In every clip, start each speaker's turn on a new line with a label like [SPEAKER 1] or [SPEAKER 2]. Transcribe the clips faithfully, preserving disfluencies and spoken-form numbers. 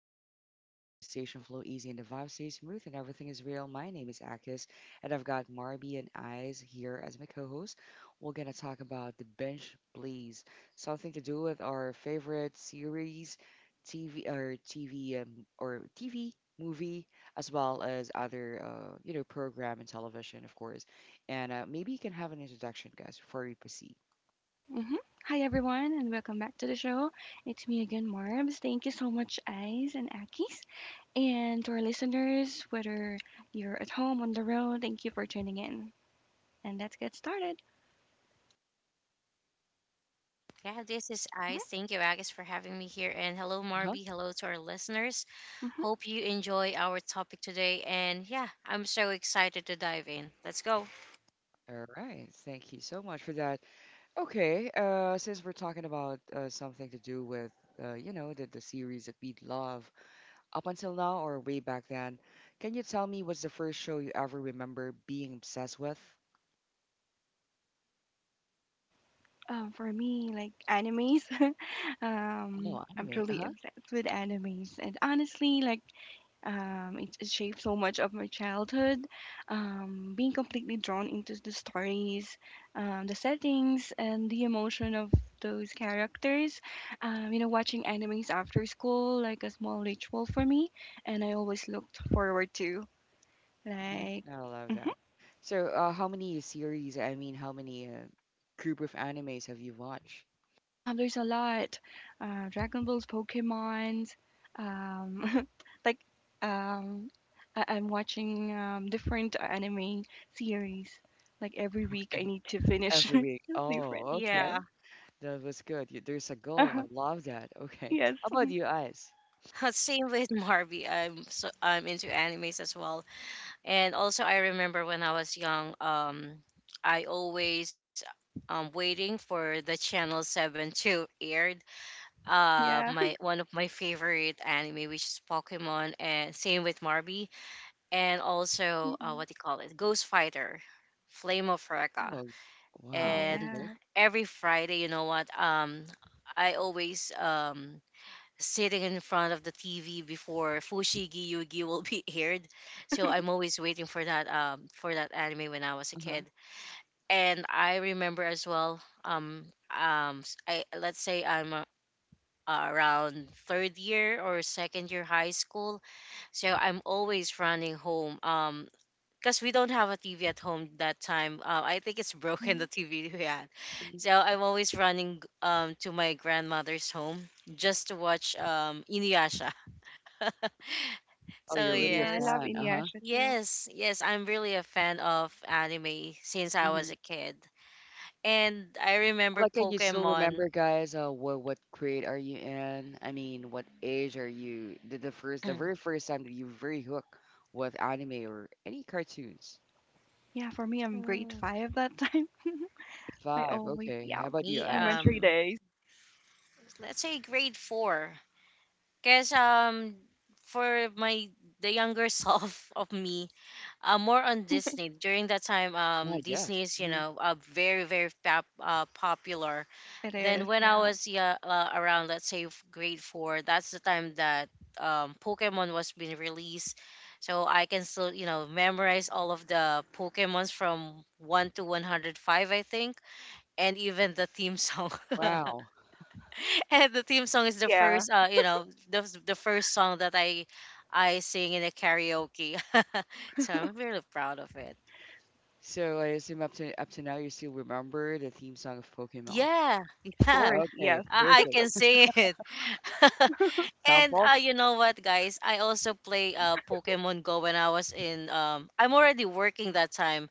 [SPEAKER 1] into a chill zone where conversation flow easy and the vibe stays smooth and everything is real, my name is Akis and I've got Marby and Eyes here as my co-host. We're gonna talk about the bench please, something to do with our favorite series, T V or T V um, or T V movie, as well as other uh, you know program and television, of course. And uh, maybe you can have an introduction, guys, before we proceed.
[SPEAKER 2] hmm Hi, everyone, and welcome back to the show. It's me again, Marbs. Thank you so much, Eyes and Akis. And to our listeners, whether you're at home, on the road, thank you for tuning in. And let's get started.
[SPEAKER 3] Yeah, this is Ice.
[SPEAKER 2] hmm
[SPEAKER 3] Thank you, Agus, for having me here. And hello,
[SPEAKER 1] Huh?
[SPEAKER 3] Marby. Hello to our listeners.
[SPEAKER 2] hmm
[SPEAKER 3] Hope you enjoy our topic today. And yeah, I'm so excited to dive in. Let's go.
[SPEAKER 1] All right. Thank you so much for that. Okay, uh, since we're talking about uh, something to do with, uh, you know, the, the series that we love up until now or way back then, can you tell me what's the first show you ever remember being obsessed with?
[SPEAKER 2] Um, for me, like animes, um,
[SPEAKER 1] Oh,
[SPEAKER 2] I'm
[SPEAKER 1] anime.
[SPEAKER 2] truly
[SPEAKER 1] Uh-huh.
[SPEAKER 2] obsessed with animes. And honestly, like, Um, it, it shaped so much of my childhood. Um, being completely drawn into the stories, um, the settings, and the emotion of those characters. Um, you know, watching animes after school like a small ritual for me, and I always looked forward to
[SPEAKER 1] Mhm.
[SPEAKER 2] like.
[SPEAKER 1] I love
[SPEAKER 2] Mm-hmm.
[SPEAKER 1] that. So, uh, how many series, I mean, how many uh, group of animes have you watched?
[SPEAKER 2] Um, there's a lot. Uh, Dragon Balls, Pokemons. Um, like um, I- I'm watching um, different anime series. Like every week,
[SPEAKER 1] Okay.
[SPEAKER 2] I need to finish
[SPEAKER 1] Every week.
[SPEAKER 2] different.
[SPEAKER 1] Oh,
[SPEAKER 2] Yes.
[SPEAKER 1] okay.
[SPEAKER 3] Yeah,
[SPEAKER 1] That was good. You, there's a goal. I
[SPEAKER 2] Uh-huh.
[SPEAKER 1] love that. Okay.
[SPEAKER 2] Yes.
[SPEAKER 1] How about
[SPEAKER 2] Mhm.
[SPEAKER 1] you, Ice?
[SPEAKER 3] same with Marby. I'm so I'm into animes as well. And also, I remember when I was young, um, I always um waiting for the Channel Seven to aired. Uh,
[SPEAKER 2] Yeah.
[SPEAKER 3] my one of my favorite anime, which is Pokemon, and same with Marby, and also, uh, what
[SPEAKER 2] Mm-mm.
[SPEAKER 3] do you call it, ghost fighter, flame of Recca.
[SPEAKER 1] Oh, wow.
[SPEAKER 3] And
[SPEAKER 1] Okay.
[SPEAKER 2] Yeah.
[SPEAKER 3] every Friday, you know what, um I always um sitting in front of the TV before Fushigi Yugi will be aired. So I'm always waiting for that um for that anime when I was a
[SPEAKER 1] Uh-huh.
[SPEAKER 3] kid. And I remember as well, um um s- I let's say I'm uh, around third year or second year high school. So I'm always running home. Um, because we don't have a T V at home that time. Uh, I think it's broken, the
[SPEAKER 2] Mhm.
[SPEAKER 3] T V we had, so I'm always running um to my grandmother's home just to watch um Inuyasha.
[SPEAKER 1] Oh,
[SPEAKER 3] So
[SPEAKER 1] you're
[SPEAKER 2] Oh
[SPEAKER 1] really a
[SPEAKER 2] yeah, I
[SPEAKER 3] yes,
[SPEAKER 2] love
[SPEAKER 1] fan. Uh-huh.
[SPEAKER 2] Inuyasha too.
[SPEAKER 3] yes, yes, I'm really a fan of anime since I was
[SPEAKER 1] Hmm.
[SPEAKER 3] a kid, and I
[SPEAKER 1] I
[SPEAKER 3] remember
[SPEAKER 1] like how you still
[SPEAKER 3] Pokemon.
[SPEAKER 1] remember, guys. Uh, what what grade are you in? I mean, what age are you? The, the first, the very first time that you very hooked with anime or any cartoons.
[SPEAKER 2] Yeah, for me, I'm grade
[SPEAKER 3] Mm,
[SPEAKER 2] five that time. I
[SPEAKER 1] Five.
[SPEAKER 2] always
[SPEAKER 1] Okay.
[SPEAKER 2] yeah,
[SPEAKER 1] How about you,
[SPEAKER 3] Me,
[SPEAKER 1] guys?
[SPEAKER 2] elementary
[SPEAKER 3] um,
[SPEAKER 2] days.
[SPEAKER 3] let's say grade four, cause um, for my the younger self of me, uh, more on Disney during that time. Um,
[SPEAKER 1] Yeah. Yes.
[SPEAKER 3] Disney is, you
[SPEAKER 1] Hmm.
[SPEAKER 3] know uh, very very pop, uh, popular.
[SPEAKER 2] It
[SPEAKER 3] Then
[SPEAKER 2] is.
[SPEAKER 3] when I
[SPEAKER 2] Yeah.
[SPEAKER 3] was, yeah, uh, around, let's say, f- grade four, that's the time that, um, Pokemon was being released. So I can still, you know memorize all of the Pokemons from one to one hundred five, I think, and even the theme song.
[SPEAKER 1] Wow.
[SPEAKER 3] And the theme song is the
[SPEAKER 2] Yeah.
[SPEAKER 3] first uh you know the the first song that I I sing in a karaoke. So I'm really proud of it.
[SPEAKER 1] So I assume up to up to now you still remember the theme song of Pokemon.
[SPEAKER 3] Yeah,
[SPEAKER 2] Of
[SPEAKER 3] yeah,
[SPEAKER 2] course.
[SPEAKER 1] Okay.
[SPEAKER 2] Yeah.
[SPEAKER 3] I, I
[SPEAKER 1] Perfect.
[SPEAKER 3] can see it. and
[SPEAKER 1] Soundfall.
[SPEAKER 3] uh, you know what, guys? I also play uh Pokemon Go when I was in um. I'm already working that time.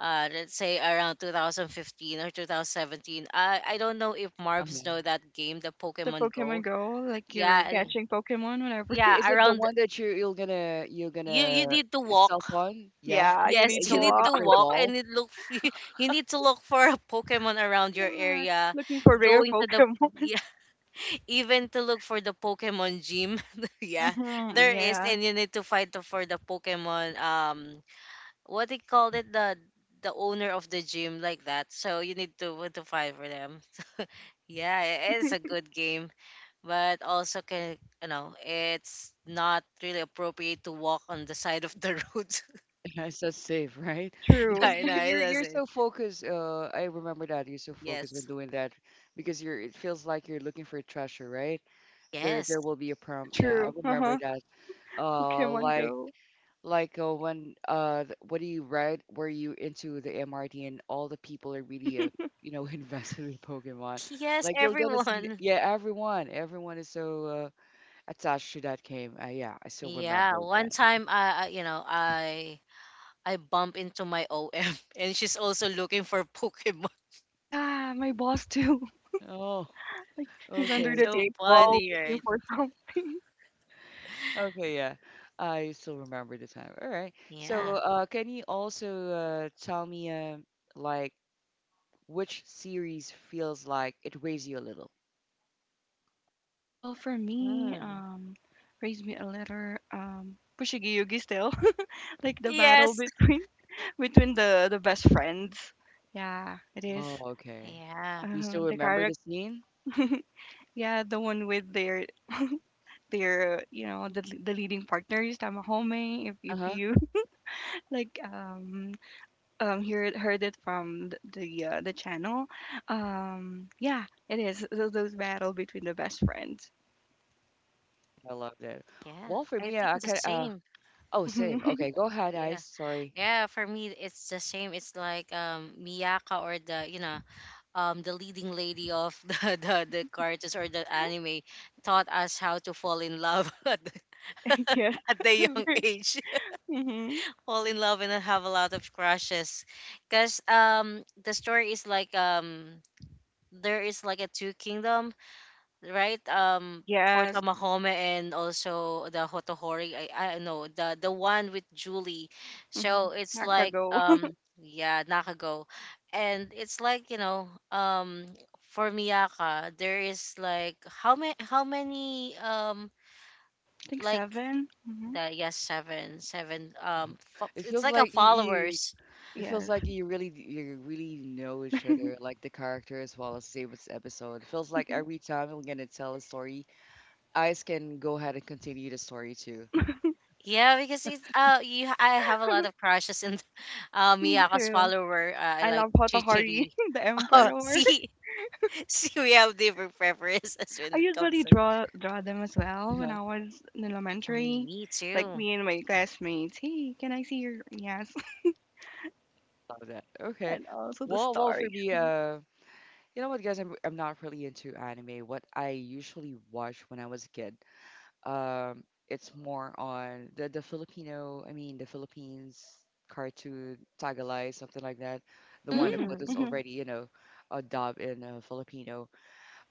[SPEAKER 3] Uh, let's say around two thousand fifteen or twenty seventeen. I I don't know if Marbs
[SPEAKER 1] Uh-huh.
[SPEAKER 3] know that game, the
[SPEAKER 2] The
[SPEAKER 3] Pokemon Go.
[SPEAKER 2] Pokemon Go, like you're
[SPEAKER 3] Yeah, and-
[SPEAKER 2] catching Pokemon whenever
[SPEAKER 3] yeah.
[SPEAKER 1] Is it the
[SPEAKER 3] Around.
[SPEAKER 1] one that you're you're gonna you're
[SPEAKER 3] You, you
[SPEAKER 1] gonna
[SPEAKER 3] need to walk.
[SPEAKER 1] self on? Yeah.
[SPEAKER 2] Yeah, you
[SPEAKER 3] Yes,
[SPEAKER 2] need
[SPEAKER 1] And
[SPEAKER 2] to
[SPEAKER 3] you
[SPEAKER 1] you're
[SPEAKER 3] need
[SPEAKER 1] looking
[SPEAKER 2] walk.
[SPEAKER 3] to
[SPEAKER 1] for the
[SPEAKER 3] walk and
[SPEAKER 1] ball.
[SPEAKER 3] it look. You need to look for a Pokemon around your
[SPEAKER 2] Yeah,
[SPEAKER 3] area.
[SPEAKER 2] looking for rare
[SPEAKER 3] Going to the
[SPEAKER 2] Pokemon.
[SPEAKER 3] Even to look for the Pokemon gym. Yeah,
[SPEAKER 2] Mhm,
[SPEAKER 3] there is,
[SPEAKER 2] yeah.
[SPEAKER 3] and you need to fight to- for the Pokemon. Um, what they called it, the the owner of the gym, like that. So you need to uh, to fight for them. Yeah, it is a good game, but also can, you know it's not really appropriate to walk on the side of the road.
[SPEAKER 1] Yes, that's safe, right? Because
[SPEAKER 2] True.
[SPEAKER 3] I know
[SPEAKER 1] you,
[SPEAKER 3] it
[SPEAKER 1] you're you're
[SPEAKER 3] doesn't.
[SPEAKER 1] so focused. Uh, I remember that you're so focused when
[SPEAKER 3] Yes,
[SPEAKER 1] doing that because you're. It feels like you're looking for a treasure, right? There
[SPEAKER 3] yes,
[SPEAKER 1] there will be a prompt. Yeah, I
[SPEAKER 2] True.
[SPEAKER 1] remember
[SPEAKER 2] Uh-huh.
[SPEAKER 1] that. Uh,
[SPEAKER 2] Pokemon
[SPEAKER 1] like
[SPEAKER 2] Go.
[SPEAKER 1] like uh, when uh, th- what do you write? Were you into the M R T and all the people are really uh, you know invested in Pokemon?
[SPEAKER 3] yes.
[SPEAKER 1] Like you're gonna see.
[SPEAKER 3] Everyone.
[SPEAKER 1] Yeah, everyone everyone is so uh, attached to that game. Uh, yeah, I still remember
[SPEAKER 3] Yeah, one
[SPEAKER 1] that.
[SPEAKER 3] time, uh, uh, you know, I I bump into my O M and she's also looking for Pokemon.
[SPEAKER 2] Yeah, my boss too.
[SPEAKER 1] Oh,
[SPEAKER 2] Like he's
[SPEAKER 1] okay.
[SPEAKER 2] under the
[SPEAKER 3] So
[SPEAKER 1] Same goal.
[SPEAKER 2] table
[SPEAKER 3] funny,
[SPEAKER 2] looking
[SPEAKER 3] right?
[SPEAKER 2] for something.
[SPEAKER 1] Okay, yeah. I still remember the time. All right. So,
[SPEAKER 3] Yeah.
[SPEAKER 1] uh, can you also uh, tell me, uh, like, which series feels like it raised you a little?
[SPEAKER 2] Well, for me,
[SPEAKER 3] Mm.
[SPEAKER 2] um, raise me a letter, um, Pushigiyugi still. Like the battle
[SPEAKER 3] Yes.
[SPEAKER 2] between between the the best friends. Yeah, it
[SPEAKER 1] Oh,
[SPEAKER 2] is.
[SPEAKER 1] okay.
[SPEAKER 3] Yeah.
[SPEAKER 1] Do you
[SPEAKER 2] Uh,
[SPEAKER 1] still
[SPEAKER 2] the
[SPEAKER 1] remember the
[SPEAKER 2] character
[SPEAKER 1] scene?
[SPEAKER 2] yeah, the one with their their uh, you know the the leading partners Tamahome if if
[SPEAKER 1] Uh-huh.
[SPEAKER 2] you like um um heard heard it from th- the uh, the channel. Um yeah, it is. So those battle between the best friends.
[SPEAKER 1] I love that.
[SPEAKER 3] Yeah.
[SPEAKER 1] Well, for
[SPEAKER 3] I
[SPEAKER 1] me,
[SPEAKER 3] think
[SPEAKER 1] I
[SPEAKER 3] the
[SPEAKER 1] can. Uh,
[SPEAKER 3] same.
[SPEAKER 1] oh, same.
[SPEAKER 2] Mhm.
[SPEAKER 1] Okay, go ahead,
[SPEAKER 3] Yeah.
[SPEAKER 1] Ice. Sorry.
[SPEAKER 3] Yeah, for me it's the same. It's like, um Miyaka, or, the you know, um the leading lady of the the, the cartoons or the anime, taught us how to fall in love at the,
[SPEAKER 2] Yes.
[SPEAKER 3] at the young age.
[SPEAKER 2] Mm-hmm.
[SPEAKER 3] Fall in love and have a lot of crushes, because, um the story is like, um there is like a two kingdom, right? Um, for
[SPEAKER 2] Yes.
[SPEAKER 3] Tamahome and also the Hotohori. I I don't know the the one with Julie.
[SPEAKER 2] Mm-hmm.
[SPEAKER 3] So it's like,
[SPEAKER 2] Nakago. I
[SPEAKER 3] um yeah, Nakago, and it's like, you know um for Miyaka, there is like, how many how many um,
[SPEAKER 2] think
[SPEAKER 3] like
[SPEAKER 2] seven. Mm-hmm.
[SPEAKER 3] the, yes, seven seven um fo-
[SPEAKER 1] It
[SPEAKER 3] it's
[SPEAKER 1] feels
[SPEAKER 3] like a
[SPEAKER 1] like you, you.
[SPEAKER 3] followers.
[SPEAKER 1] It feels
[SPEAKER 2] Yes.
[SPEAKER 1] like you really, you really know each other, like the character as well as the same as episode. It feels like every time I'm gonna tell a story, Ice can go ahead and continue the story too.
[SPEAKER 3] Yeah, because it's uh you I have a lot of crushes in uh
[SPEAKER 2] Me
[SPEAKER 3] Miyaka's
[SPEAKER 2] too.
[SPEAKER 3] follower. Uh, I
[SPEAKER 2] I
[SPEAKER 3] like
[SPEAKER 2] love Hotohari,
[SPEAKER 3] Chichiri.
[SPEAKER 2] the
[SPEAKER 3] Oh,
[SPEAKER 2] emperor.
[SPEAKER 3] see, see, we have different preferences when
[SPEAKER 2] I
[SPEAKER 3] it comes
[SPEAKER 2] usually
[SPEAKER 3] to.
[SPEAKER 2] draw draw them as well when
[SPEAKER 1] Uh-huh.
[SPEAKER 2] I was in
[SPEAKER 3] Mm,
[SPEAKER 2] elementary.
[SPEAKER 3] me
[SPEAKER 2] Like
[SPEAKER 3] too.
[SPEAKER 2] me and my classmates, hey, can I see your yes?
[SPEAKER 1] Love that. Okay.
[SPEAKER 2] And also the
[SPEAKER 1] Well, well, for
[SPEAKER 2] stars.
[SPEAKER 1] me, uh, you know what, guys, I'm I'm not really into anime. What I usually watched when I was a kid, um, it's more on the the Filipino, I mean the Philippines cartoon, Tagalog, something like that. The one that
[SPEAKER 2] Mm,
[SPEAKER 1] was
[SPEAKER 3] Hmm.
[SPEAKER 2] hmm.
[SPEAKER 1] already, you know, a dub in uh, Filipino,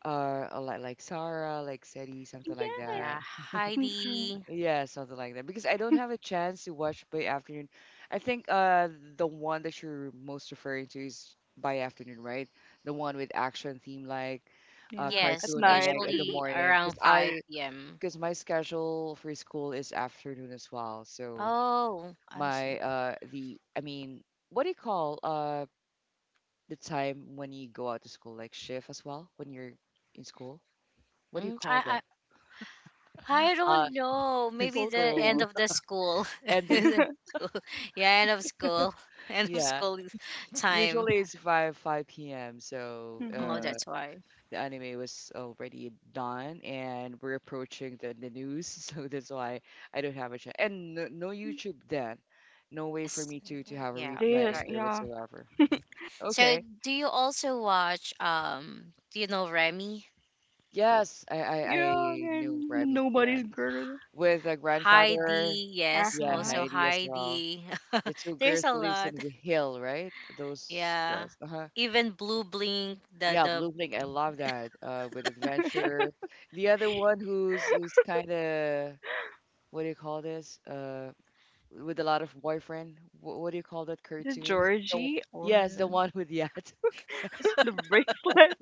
[SPEAKER 1] uh, a lot like Sarah, like Seti, something like
[SPEAKER 2] Yes,
[SPEAKER 1] that.
[SPEAKER 3] Yeah,
[SPEAKER 2] me too.
[SPEAKER 3] Heidi.
[SPEAKER 1] Yeah, something like that. Because I don't have a chance to watch by afternoon. I think uh the one that you're most referring to is by afternoon, right? The one with action theme like uh
[SPEAKER 2] Yeah, at
[SPEAKER 3] Yes,
[SPEAKER 1] cartoon
[SPEAKER 2] night,
[SPEAKER 1] unlike at the
[SPEAKER 3] usually
[SPEAKER 1] morning.
[SPEAKER 3] around
[SPEAKER 1] Because I
[SPEAKER 3] five p m.
[SPEAKER 1] because my schedule for school is afternoon as well. So
[SPEAKER 3] Oh, I see.
[SPEAKER 1] my uh the, I mean, what do you call uh the time when you go out to school, like shift as well, when you're in school? What do you
[SPEAKER 3] Mm,
[SPEAKER 1] call
[SPEAKER 3] I, I
[SPEAKER 1] that?
[SPEAKER 3] I
[SPEAKER 1] Uh
[SPEAKER 3] don't know. Maybe
[SPEAKER 2] school.
[SPEAKER 3] the end
[SPEAKER 1] school
[SPEAKER 3] of the school.
[SPEAKER 1] end of
[SPEAKER 3] Yeah, end of school, end of
[SPEAKER 1] yeah.
[SPEAKER 3] school time.
[SPEAKER 1] Usually it's five five p m. So
[SPEAKER 3] Oh,
[SPEAKER 2] Mm-hmm.
[SPEAKER 1] uh,
[SPEAKER 3] that's why.
[SPEAKER 1] the anime was already done and we're approaching the, the news. So that's why I don't have a chance. And no, no YouTube then. No way for
[SPEAKER 3] Yes.
[SPEAKER 1] me to, to have a
[SPEAKER 2] It
[SPEAKER 3] Yeah,
[SPEAKER 1] replay
[SPEAKER 2] is.
[SPEAKER 3] right.
[SPEAKER 1] or
[SPEAKER 2] Yeah,
[SPEAKER 1] whatsoever.
[SPEAKER 3] So,
[SPEAKER 1] Okay.
[SPEAKER 3] do you also watch um do you know Remy?
[SPEAKER 1] Yes, I, I,
[SPEAKER 2] yeah.
[SPEAKER 1] I knew
[SPEAKER 2] I'm the
[SPEAKER 1] Remy. Yeah.
[SPEAKER 2] nobody's girl.
[SPEAKER 1] With the grandfather.
[SPEAKER 3] Heidi,
[SPEAKER 2] Uh
[SPEAKER 3] yes,
[SPEAKER 1] Yeah,
[SPEAKER 2] huh.
[SPEAKER 3] also
[SPEAKER 1] Heidi as well.
[SPEAKER 3] Heidi.
[SPEAKER 1] The two
[SPEAKER 3] There's
[SPEAKER 1] girls
[SPEAKER 3] a
[SPEAKER 1] who lives
[SPEAKER 3] lot.
[SPEAKER 1] in Hill, right? Those
[SPEAKER 3] Yeah.
[SPEAKER 1] girls. Uh-huh.
[SPEAKER 3] Even Blue Blink, the
[SPEAKER 1] Yeah,
[SPEAKER 3] the
[SPEAKER 1] Blooming, I love that. Uh, with adventure. The other one who's who's kind of, what do you call this? Uh, with a lot of boyfriend. What, what do you call that
[SPEAKER 2] Is this
[SPEAKER 1] cartoon? The,
[SPEAKER 2] Georgie
[SPEAKER 1] yes, the
[SPEAKER 2] or
[SPEAKER 1] one with yacht. Yes,
[SPEAKER 2] the bracelet?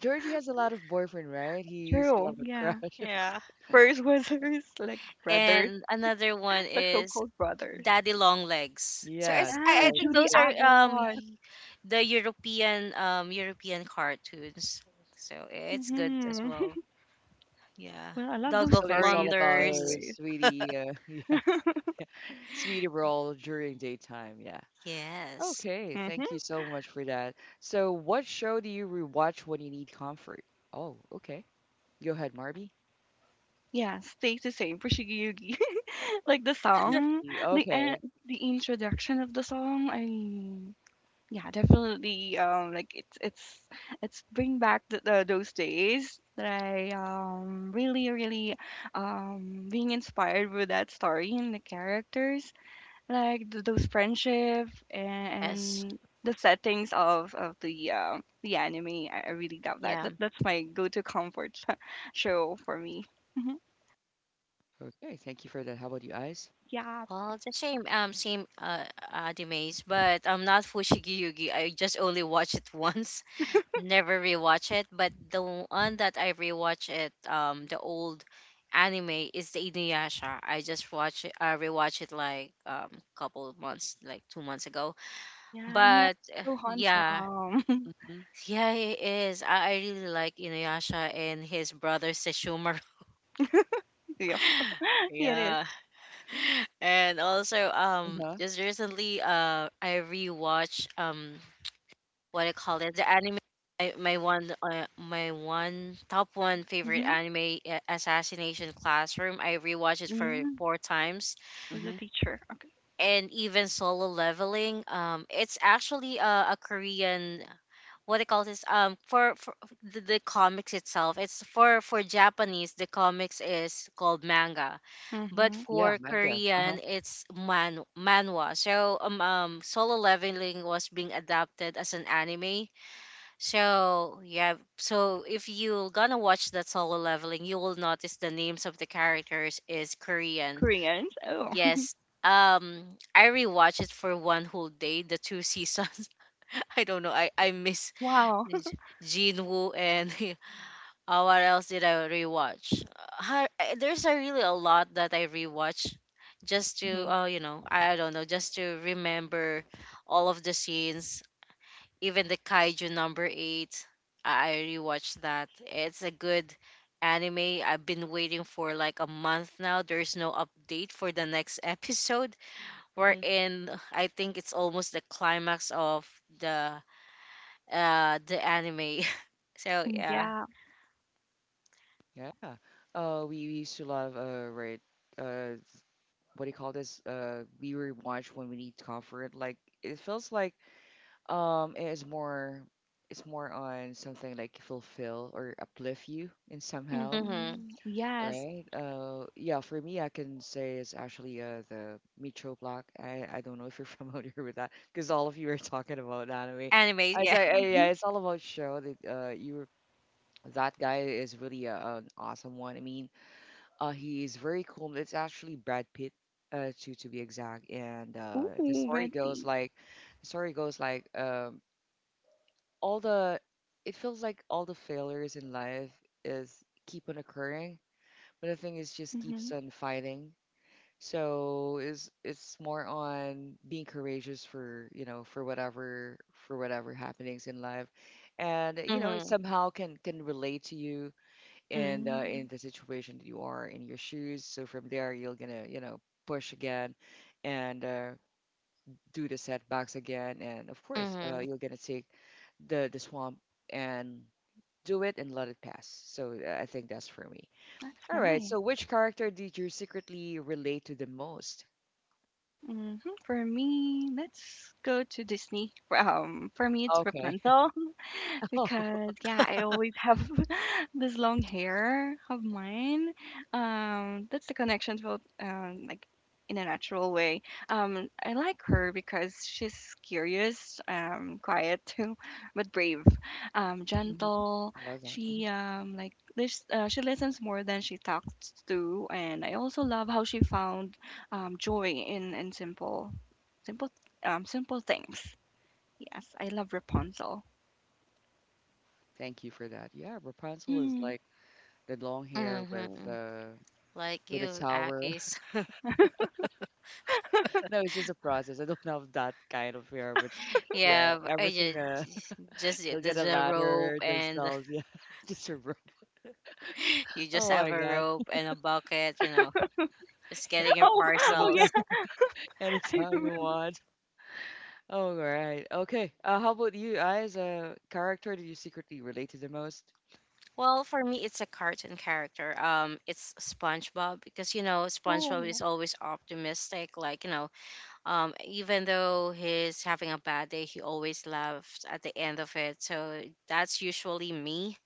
[SPEAKER 1] Georgie has a lot of boyfriend, right? He used to
[SPEAKER 2] True.
[SPEAKER 1] love a
[SPEAKER 2] Yeah.
[SPEAKER 1] crush.
[SPEAKER 3] Yeah.
[SPEAKER 2] First was her like brothers,
[SPEAKER 3] And another one
[SPEAKER 2] the
[SPEAKER 3] is
[SPEAKER 2] so-called brothers.
[SPEAKER 3] Daddy Long Legs. So
[SPEAKER 1] Yeah,
[SPEAKER 3] it's I,
[SPEAKER 2] Yeah,
[SPEAKER 3] I
[SPEAKER 1] that's
[SPEAKER 3] think
[SPEAKER 2] Judy
[SPEAKER 3] those
[SPEAKER 1] it.
[SPEAKER 3] are, um
[SPEAKER 2] Abbott.
[SPEAKER 3] y- the European, um European cartoons. So it's good as
[SPEAKER 2] Mm-hmm.
[SPEAKER 3] well. Yeah.
[SPEAKER 2] Well, I love
[SPEAKER 3] Dog
[SPEAKER 2] those
[SPEAKER 3] of
[SPEAKER 1] Typically, it's all
[SPEAKER 2] stories
[SPEAKER 1] about
[SPEAKER 3] Flanders.
[SPEAKER 1] uh,
[SPEAKER 2] anyways.
[SPEAKER 1] sweetie. Uh, yeah, sweetie role during daytime. Yeah.
[SPEAKER 3] Yes.
[SPEAKER 1] Okay, thank you
[SPEAKER 2] Mm-hmm.
[SPEAKER 1] so much for that. So, what show do you rewatch when you need comfort? Oh, okay. Go ahead, Marby.
[SPEAKER 2] Yeah, stays the same for Shigeyugi. Like the song,
[SPEAKER 1] Switchy.
[SPEAKER 2] the en-
[SPEAKER 1] Okay.
[SPEAKER 2] the introduction of the song. I yeah, definitely. Um, like it's it's it's bring back the, the, those days that I um really really um being inspired with that story and the characters. Like th- those friendship, and,
[SPEAKER 3] Yes.
[SPEAKER 2] and the settings of of the uh, the anime. I, I really love that.
[SPEAKER 3] Yeah.
[SPEAKER 2] that. That's my go-to comfort show for me. Mhm.
[SPEAKER 1] Okay, thank you for that. How about you, Eyes?
[SPEAKER 2] Yeah,
[SPEAKER 3] Well, it's the same, um, same, uh, animes, but I'm not Fushigi Yugi. I just only watch it once, never rewatch it. But the one that I rewatch it, um, the old anime is the Inuyasha. I just watch it, I rewatch it like, um couple of months, like two months ago.
[SPEAKER 2] yeah, and yeah,
[SPEAKER 3] But uh,
[SPEAKER 2] so
[SPEAKER 3] yeah.
[SPEAKER 2] handsome.
[SPEAKER 1] Mm-hmm.
[SPEAKER 3] Yeah, it is. I, I really like Inuyasha and his brother Sesshomaru.
[SPEAKER 2] Yeah, yeah, it is.
[SPEAKER 3] Yeah. And also, um
[SPEAKER 1] Uh-huh.
[SPEAKER 3] just recently, uh I rewatched, um what I call it the anime, I my one uh, my one top one favorite
[SPEAKER 2] Mm-hmm.
[SPEAKER 3] anime, uh, Assassination Classroom. I rewatched it for
[SPEAKER 2] Mm-hmm.
[SPEAKER 3] four times.
[SPEAKER 2] With a
[SPEAKER 1] Mm-hmm.
[SPEAKER 2] teacher. Okay.
[SPEAKER 3] And even Solo Leveling, um it's actually, uh, a Korean, what I call this, um for, for the, the comics itself, it's for for Japanese, the comics is called manga, but
[SPEAKER 2] Mm-hmm.
[SPEAKER 1] Yeah,
[SPEAKER 3] for
[SPEAKER 1] manga. Uh-huh.
[SPEAKER 3] Korean it's man manhwa. So, um, um Solo Leveling was being adapted as an anime. So yeah, so if you gonna watch that Solo Leveling, you will notice the names of the characters is Korean.
[SPEAKER 2] Koreans. Oh,
[SPEAKER 3] Yes. Um I rewatched it for one whole day, the two seasons. I don't know. I I miss
[SPEAKER 2] wow.
[SPEAKER 3] J- Jinwoo, and Uh, what else did I rewatch? Uh, har- uh, There's a really a lot that I rewatch, just to,
[SPEAKER 1] Mm-hmm.
[SPEAKER 3] uh, you know, I I don't know, just to remember all of the scenes, even the Kaiju number eight. I I rewatched that. It's a good anime. I've been waiting for like a month now. There's no update for the next episode. We're
[SPEAKER 1] Mm-hmm.
[SPEAKER 3] in, I think it's almost the climax of the uh the anime. So yeah.
[SPEAKER 2] Yeah.
[SPEAKER 1] Yeah. Uh, we we used to love, uh, right, uh, what do you call this? Uh, we rewatch when we need comfort. Like, it feels like, um, it is more, it's more on something like fulfill or uplift you in somehow,
[SPEAKER 3] Mm-hmm.
[SPEAKER 2] Mm-hmm. Yes.
[SPEAKER 1] right. Uh, yeah, for me, I can say it's actually uh, the Micho block. I, I don't know if you're familiar with that, because all of you are talking about anime.
[SPEAKER 3] Anime,
[SPEAKER 1] I
[SPEAKER 3] yeah.
[SPEAKER 1] say, uh,
[SPEAKER 2] Mm-hmm.
[SPEAKER 1] yeah, it's all about show that uh, you that guy is really a, an awesome one. I mean, uh, he's very cool. It's actually Brad Pitt, uh, to to be exact. And uh, the
[SPEAKER 2] Ooh,
[SPEAKER 1] story
[SPEAKER 2] red
[SPEAKER 1] goes
[SPEAKER 2] feet.
[SPEAKER 1] like, the story goes like, um, all the, it feels like all the failures in life is keep on occurring, but the thing is, just
[SPEAKER 2] Mm-hmm.
[SPEAKER 1] keeps on fighting. So it's it's more on being courageous, for you know for whatever for whatever happenings in life, and you know it
[SPEAKER 3] Mm-hmm.
[SPEAKER 1] somehow can can relate to you, and uh,
[SPEAKER 2] Mm,
[SPEAKER 1] in the situation that you are in your shoes. So from there you're gonna you know push again, and uh, do the setbacks again, and of course uh,
[SPEAKER 3] Mm-hmm.
[SPEAKER 1] you're gonna take the the swamp and do it and let it pass. So uh, I think that's for me.
[SPEAKER 2] that's
[SPEAKER 1] All right.
[SPEAKER 2] nice.
[SPEAKER 1] So, which character did you secretly relate to the most?
[SPEAKER 2] Hmm. For me, let's go to Disney. Well, Um, for me, it's
[SPEAKER 1] Okay.
[SPEAKER 2] Rapunzel. Because yeah, I always have this long hair of mine. Um, that's the connection to um, like in a natural way. Um, I like her because she's curious, um, quiet too, but brave, um,
[SPEAKER 1] Mhm.
[SPEAKER 2] gentle.
[SPEAKER 1] I love that. Mhm.
[SPEAKER 2] She um, like lis- uh, she listens more than she talks to, and I also love how she found um, joy in in simple simple um, simple things. Yes, I love Rapunzel.
[SPEAKER 1] Thank you for that. Yeah, Rapunzel is
[SPEAKER 2] Hmm.
[SPEAKER 1] like the long hair with
[SPEAKER 3] Mm-hmm.
[SPEAKER 1] uh
[SPEAKER 3] Like
[SPEAKER 1] with a
[SPEAKER 3] you,
[SPEAKER 1] tower.
[SPEAKER 3] Akis.
[SPEAKER 1] No, it's just a process. I don't have that kind of hair, but yeah,
[SPEAKER 3] Yeah, but
[SPEAKER 1] everything
[SPEAKER 3] I
[SPEAKER 1] uh
[SPEAKER 3] just, just the,
[SPEAKER 1] they'll
[SPEAKER 3] the
[SPEAKER 1] get a
[SPEAKER 3] the rope
[SPEAKER 1] ladder
[SPEAKER 3] and
[SPEAKER 1] themselves, yeah. Just a rope.
[SPEAKER 3] you just
[SPEAKER 1] Oh my
[SPEAKER 3] have a
[SPEAKER 1] God.
[SPEAKER 3] rope and a bucket, you know, just getting your
[SPEAKER 2] Oh, oh
[SPEAKER 1] Anytime,
[SPEAKER 2] yeah.
[SPEAKER 3] parcels.
[SPEAKER 1] anytime you want. All right. Okay. Uh how about you? I, as a character do you secretly relate to the most?
[SPEAKER 3] Well, for me, it's a cartoon character. Um, it's SpongeBob, because, you know SpongeBob is
[SPEAKER 2] Oh
[SPEAKER 3] always optimistic. Like, you know, um, even though he's having a bad day, he always laughs at the end of it. So that's usually me.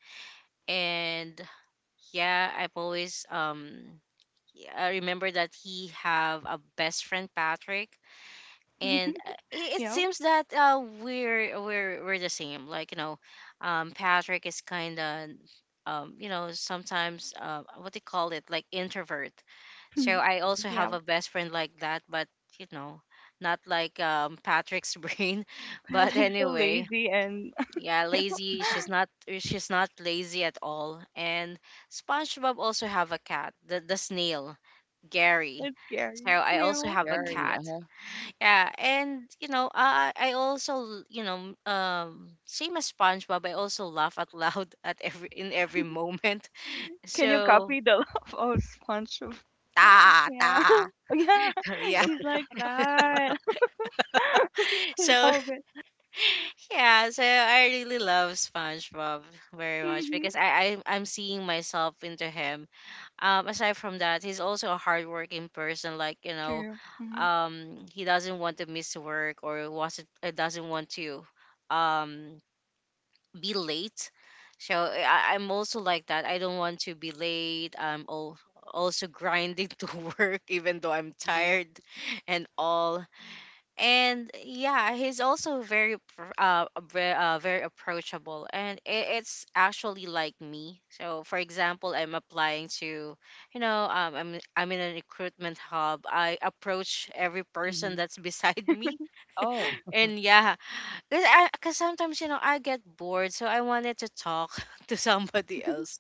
[SPEAKER 3] And yeah, I've always um yeah, I remember that he have a best friend Patrick,
[SPEAKER 2] yeah.
[SPEAKER 3] and uh, it, it
[SPEAKER 2] Yeah.
[SPEAKER 3] seems that uh we're we're we're the same. Like, you know, um Patrick is kind of, um you know sometimes, uh, what they call it, like, introvert. So I
[SPEAKER 1] Mhm.
[SPEAKER 3] also
[SPEAKER 2] Yeah.
[SPEAKER 3] have a best friend like that, but you know not like um Patrick's brain. But
[SPEAKER 2] Pets are so
[SPEAKER 3] anyway,
[SPEAKER 2] lazy, and
[SPEAKER 3] yeah,
[SPEAKER 2] yeah,
[SPEAKER 3] lazy. She's not. She's not lazy at all. And SpongeBob also have a cat, the the snail, Gary.
[SPEAKER 2] it's scary.
[SPEAKER 3] So I also
[SPEAKER 2] Meow.
[SPEAKER 3] have a
[SPEAKER 1] Gary.
[SPEAKER 3] cat.
[SPEAKER 1] uh
[SPEAKER 3] Yeah, and you know, I I also, you know um same as SpongeBob, I also laugh out loud, at every in every moment.
[SPEAKER 2] Can you
[SPEAKER 3] So
[SPEAKER 2] copy the love of SpongeBob?
[SPEAKER 3] ta
[SPEAKER 2] Yeah.
[SPEAKER 3] ta.
[SPEAKER 2] Oh, yeah.
[SPEAKER 3] Yeah.
[SPEAKER 2] He's like that. I
[SPEAKER 3] So
[SPEAKER 2] love it.
[SPEAKER 3] yeah, so I really love SpongeBob very much,
[SPEAKER 2] Mm-hmm.
[SPEAKER 3] because I, I I'm I'm seeing myself into him, um aside from that he's also a hardworking person, like, you know
[SPEAKER 2] True. Mm-hmm.
[SPEAKER 3] um he doesn't want to miss work, or was it, doesn't want to, um be late. So, I, I- I'm also like that. I don't want to be late. i'm al- also grinding to work, even though I'm
[SPEAKER 1] Mhm,
[SPEAKER 3] tired, and all. And yeah, he's also very, pr- uh, very, uh very approachable, and, i- it's actually like me. So for example, I'm applying to you know um, i'm i'm in a recruitment hub, I approach every person
[SPEAKER 1] mhm.
[SPEAKER 3] that's beside me.
[SPEAKER 1] Oh,
[SPEAKER 3] And yeah, because i because sometimes, you know I get bored, so I wanted to talk to somebody else,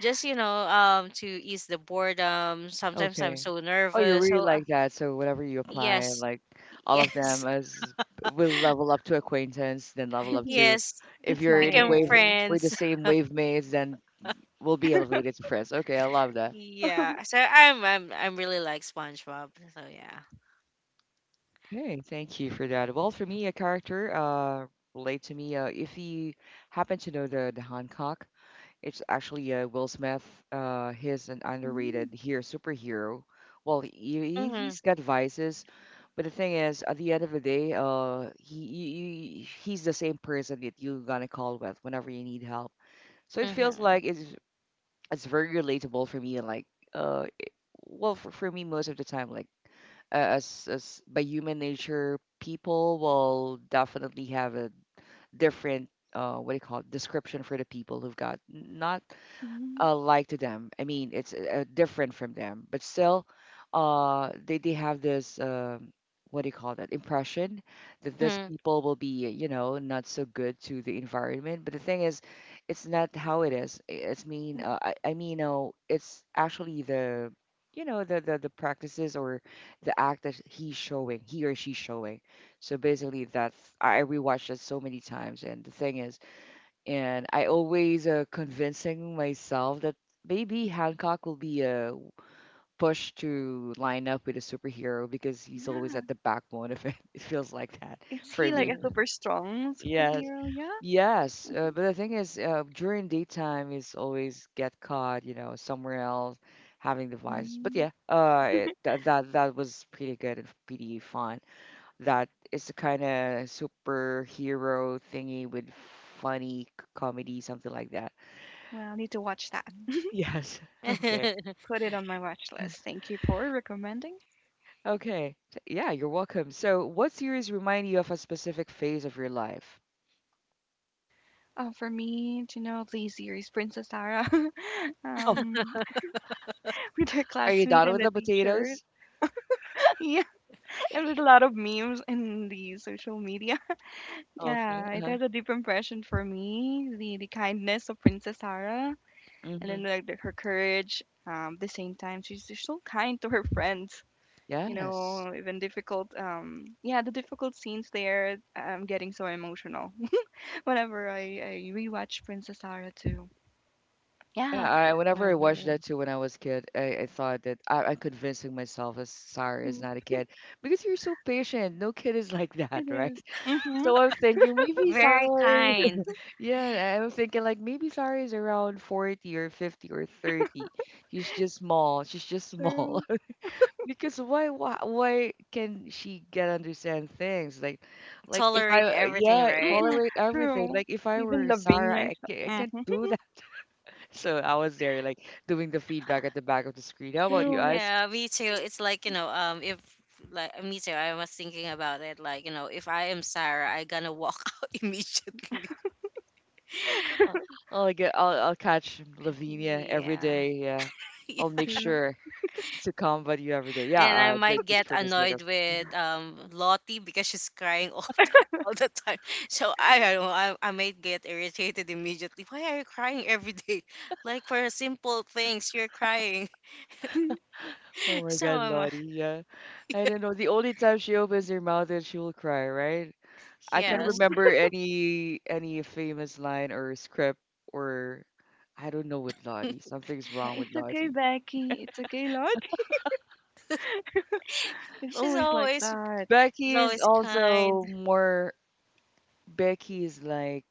[SPEAKER 3] just, you know um to ease the boredom. Sometimes I'm
[SPEAKER 1] okay.
[SPEAKER 3] so
[SPEAKER 1] Oh, you're
[SPEAKER 3] nervous,
[SPEAKER 1] really
[SPEAKER 3] so uh,
[SPEAKER 1] like that. So whatever you apply,
[SPEAKER 3] yes,
[SPEAKER 1] like all of
[SPEAKER 3] yes,
[SPEAKER 1] them as will level up to acquaintance, then level up to,
[SPEAKER 3] yes,
[SPEAKER 1] if
[SPEAKER 2] That's
[SPEAKER 1] you're in
[SPEAKER 3] became
[SPEAKER 1] wave
[SPEAKER 2] nice.
[SPEAKER 1] we're the
[SPEAKER 3] friends.
[SPEAKER 1] same wave mates, then we'll be elevated to friends. Okay, I love that.
[SPEAKER 3] Yeah. So I'm I'm I'm really like SpongeBob. So yeah.
[SPEAKER 1] Okay, thank you for that. Well, for me, a character uh relate to me. Uh, if you happen to know the the Hancock, it's actually uh, Will Smith. Uh, he's an
[SPEAKER 2] Mm-hmm.
[SPEAKER 1] underrated here superhero. Well, he,
[SPEAKER 3] Mhm.
[SPEAKER 1] he's got vices, but the thing is, at the end of the day, uh, he, he he- he's the same person that you're gonna call with whenever you need help. So it feels
[SPEAKER 3] Mhm.
[SPEAKER 1] like it's it's very relatable for me. Like, uh, it- well, for, for me, most of the time, like uh, as, as by human nature, people will definitely have a different, uh, what do you call it, description for the people who've got not,
[SPEAKER 2] Mm-hmm.
[SPEAKER 1] uh, like to them. I mean, it's uh, different from them, but still, uh, they they have this, um what do you call that, impression that these
[SPEAKER 3] Mhm.
[SPEAKER 1] people will be, you know not so good to the environment. But the thing is, it's not how it is. I- It's mean, uh, I I mean no, it's actually the, you know the, the the practices or the act that he's showing, he or she's showing. So basically, that's i I rewatched it so many times, and the thing is, and I always, uh, convincing myself that maybe Hancock will be, uh, pushed to line up with a superhero because he's always
[SPEAKER 2] Yeah.
[SPEAKER 1] at the backbone of it. It feels like that
[SPEAKER 2] Is
[SPEAKER 1] for
[SPEAKER 2] he like
[SPEAKER 1] me.
[SPEAKER 2] a
[SPEAKER 3] Mhm.
[SPEAKER 2] super strong
[SPEAKER 1] Yes,
[SPEAKER 2] superhero? Yeah.
[SPEAKER 1] yes. Uh, but the thing is, uh, during daytime, is always get caught, you know, somewhere else having the vibes. But
[SPEAKER 2] Mm.
[SPEAKER 1] yeah, uh, it, that that that was pretty good and pretty fun. That is the kind of superhero thingy with funny c- comedy, something like that.
[SPEAKER 2] Well, I need to watch that.
[SPEAKER 1] Yes. Okay.
[SPEAKER 2] Put it on my watch list. Thank you for recommending.
[SPEAKER 1] Okay. T- Yeah, you're welcome. So, what series remind you of a specific phase of your life?
[SPEAKER 2] Uh, for me, do you know the series Princess Sarah?
[SPEAKER 1] Oh,
[SPEAKER 2] um, with her
[SPEAKER 1] are you
[SPEAKER 2] classmate
[SPEAKER 1] done
[SPEAKER 2] and
[SPEAKER 1] with
[SPEAKER 2] the
[SPEAKER 1] the
[SPEAKER 2] teacher.
[SPEAKER 1] potatoes?
[SPEAKER 2] Yeah, and with a lot of memes in the social media.
[SPEAKER 1] Okay.
[SPEAKER 2] Yeah, it
[SPEAKER 1] Uh-huh.
[SPEAKER 2] has a deep impression for me. The the kindness of Princess Sarah, and
[SPEAKER 1] Mm-hmm.
[SPEAKER 2] then like the, her courage. Um, at the same time, she's just so kind to her friends. You
[SPEAKER 1] Yes.
[SPEAKER 2] know, even difficult. Um, yeah, the difficult scenes there. I'm getting so emotional whenever I, I rewatch Princess Sarah too.
[SPEAKER 1] Yeah,
[SPEAKER 2] Yeah.
[SPEAKER 1] I, whenever I watched
[SPEAKER 3] Mhm.
[SPEAKER 1] that too when I was a kid, I, I thought that I, I'm convincing myself as Sarah is not a kid because you're so patient. No kid is like
[SPEAKER 2] It
[SPEAKER 1] that, right?
[SPEAKER 2] is. Mhm.
[SPEAKER 1] So I'm thinking maybe
[SPEAKER 3] Very
[SPEAKER 1] Sarah is,
[SPEAKER 3] kind.
[SPEAKER 1] yeah, I'm thinking like maybe Sarah is around forty or fifty or thirty. She's just small. She's just small.
[SPEAKER 2] True.
[SPEAKER 1] Because why, why why can she get understand things like like if I
[SPEAKER 3] Tolerate
[SPEAKER 1] uh,
[SPEAKER 3] everything,
[SPEAKER 1] yeah
[SPEAKER 3] right?
[SPEAKER 2] Mhm.
[SPEAKER 1] tolerate everything
[SPEAKER 2] True.
[SPEAKER 1] like if I
[SPEAKER 2] Even
[SPEAKER 1] were
[SPEAKER 2] Lavinia
[SPEAKER 1] Sarah I
[SPEAKER 2] is.
[SPEAKER 1] can't, I can't
[SPEAKER 2] Mhm.
[SPEAKER 1] do that so I was there like doing the feedback at the back of the screen how about you
[SPEAKER 2] True. Like
[SPEAKER 1] guys
[SPEAKER 3] Yeah, me too. It's like, you know, um if like uh, me too, I was thinking about it, like, you know, if I am Sarah, I gonna walk out immediately.
[SPEAKER 1] I'll, I'll get I'll, I'll catch Lavinia every
[SPEAKER 3] Yeah.
[SPEAKER 1] day yeah I'll make
[SPEAKER 2] true.
[SPEAKER 1] sure to combat you every day yeah
[SPEAKER 3] And I
[SPEAKER 1] uh, just
[SPEAKER 3] might
[SPEAKER 1] just
[SPEAKER 3] get
[SPEAKER 1] for the sake
[SPEAKER 3] annoyed
[SPEAKER 1] of
[SPEAKER 3] with, um Lottie, because she's crying all time, all the time. So I don't know. I, I might get irritated immediately. Why are you crying every day? Like, for simple things, you're crying.
[SPEAKER 1] oh my
[SPEAKER 3] So,
[SPEAKER 1] God
[SPEAKER 3] I'm uh,
[SPEAKER 1] Lottie yeah I don't know the only time she opens her mouth and she will cry right I can not
[SPEAKER 3] yes.
[SPEAKER 2] True.
[SPEAKER 1] remember any any famous line or script or I don't know with Lottie. Something's
[SPEAKER 2] Uh,
[SPEAKER 1] wrong with
[SPEAKER 2] it's okay,
[SPEAKER 1] Lottie.
[SPEAKER 2] Becky. It's okay, Lord. It's
[SPEAKER 3] She's
[SPEAKER 2] always like
[SPEAKER 3] always
[SPEAKER 2] that.
[SPEAKER 3] she's
[SPEAKER 1] Becky is
[SPEAKER 3] always kind.
[SPEAKER 1] also more Becky is like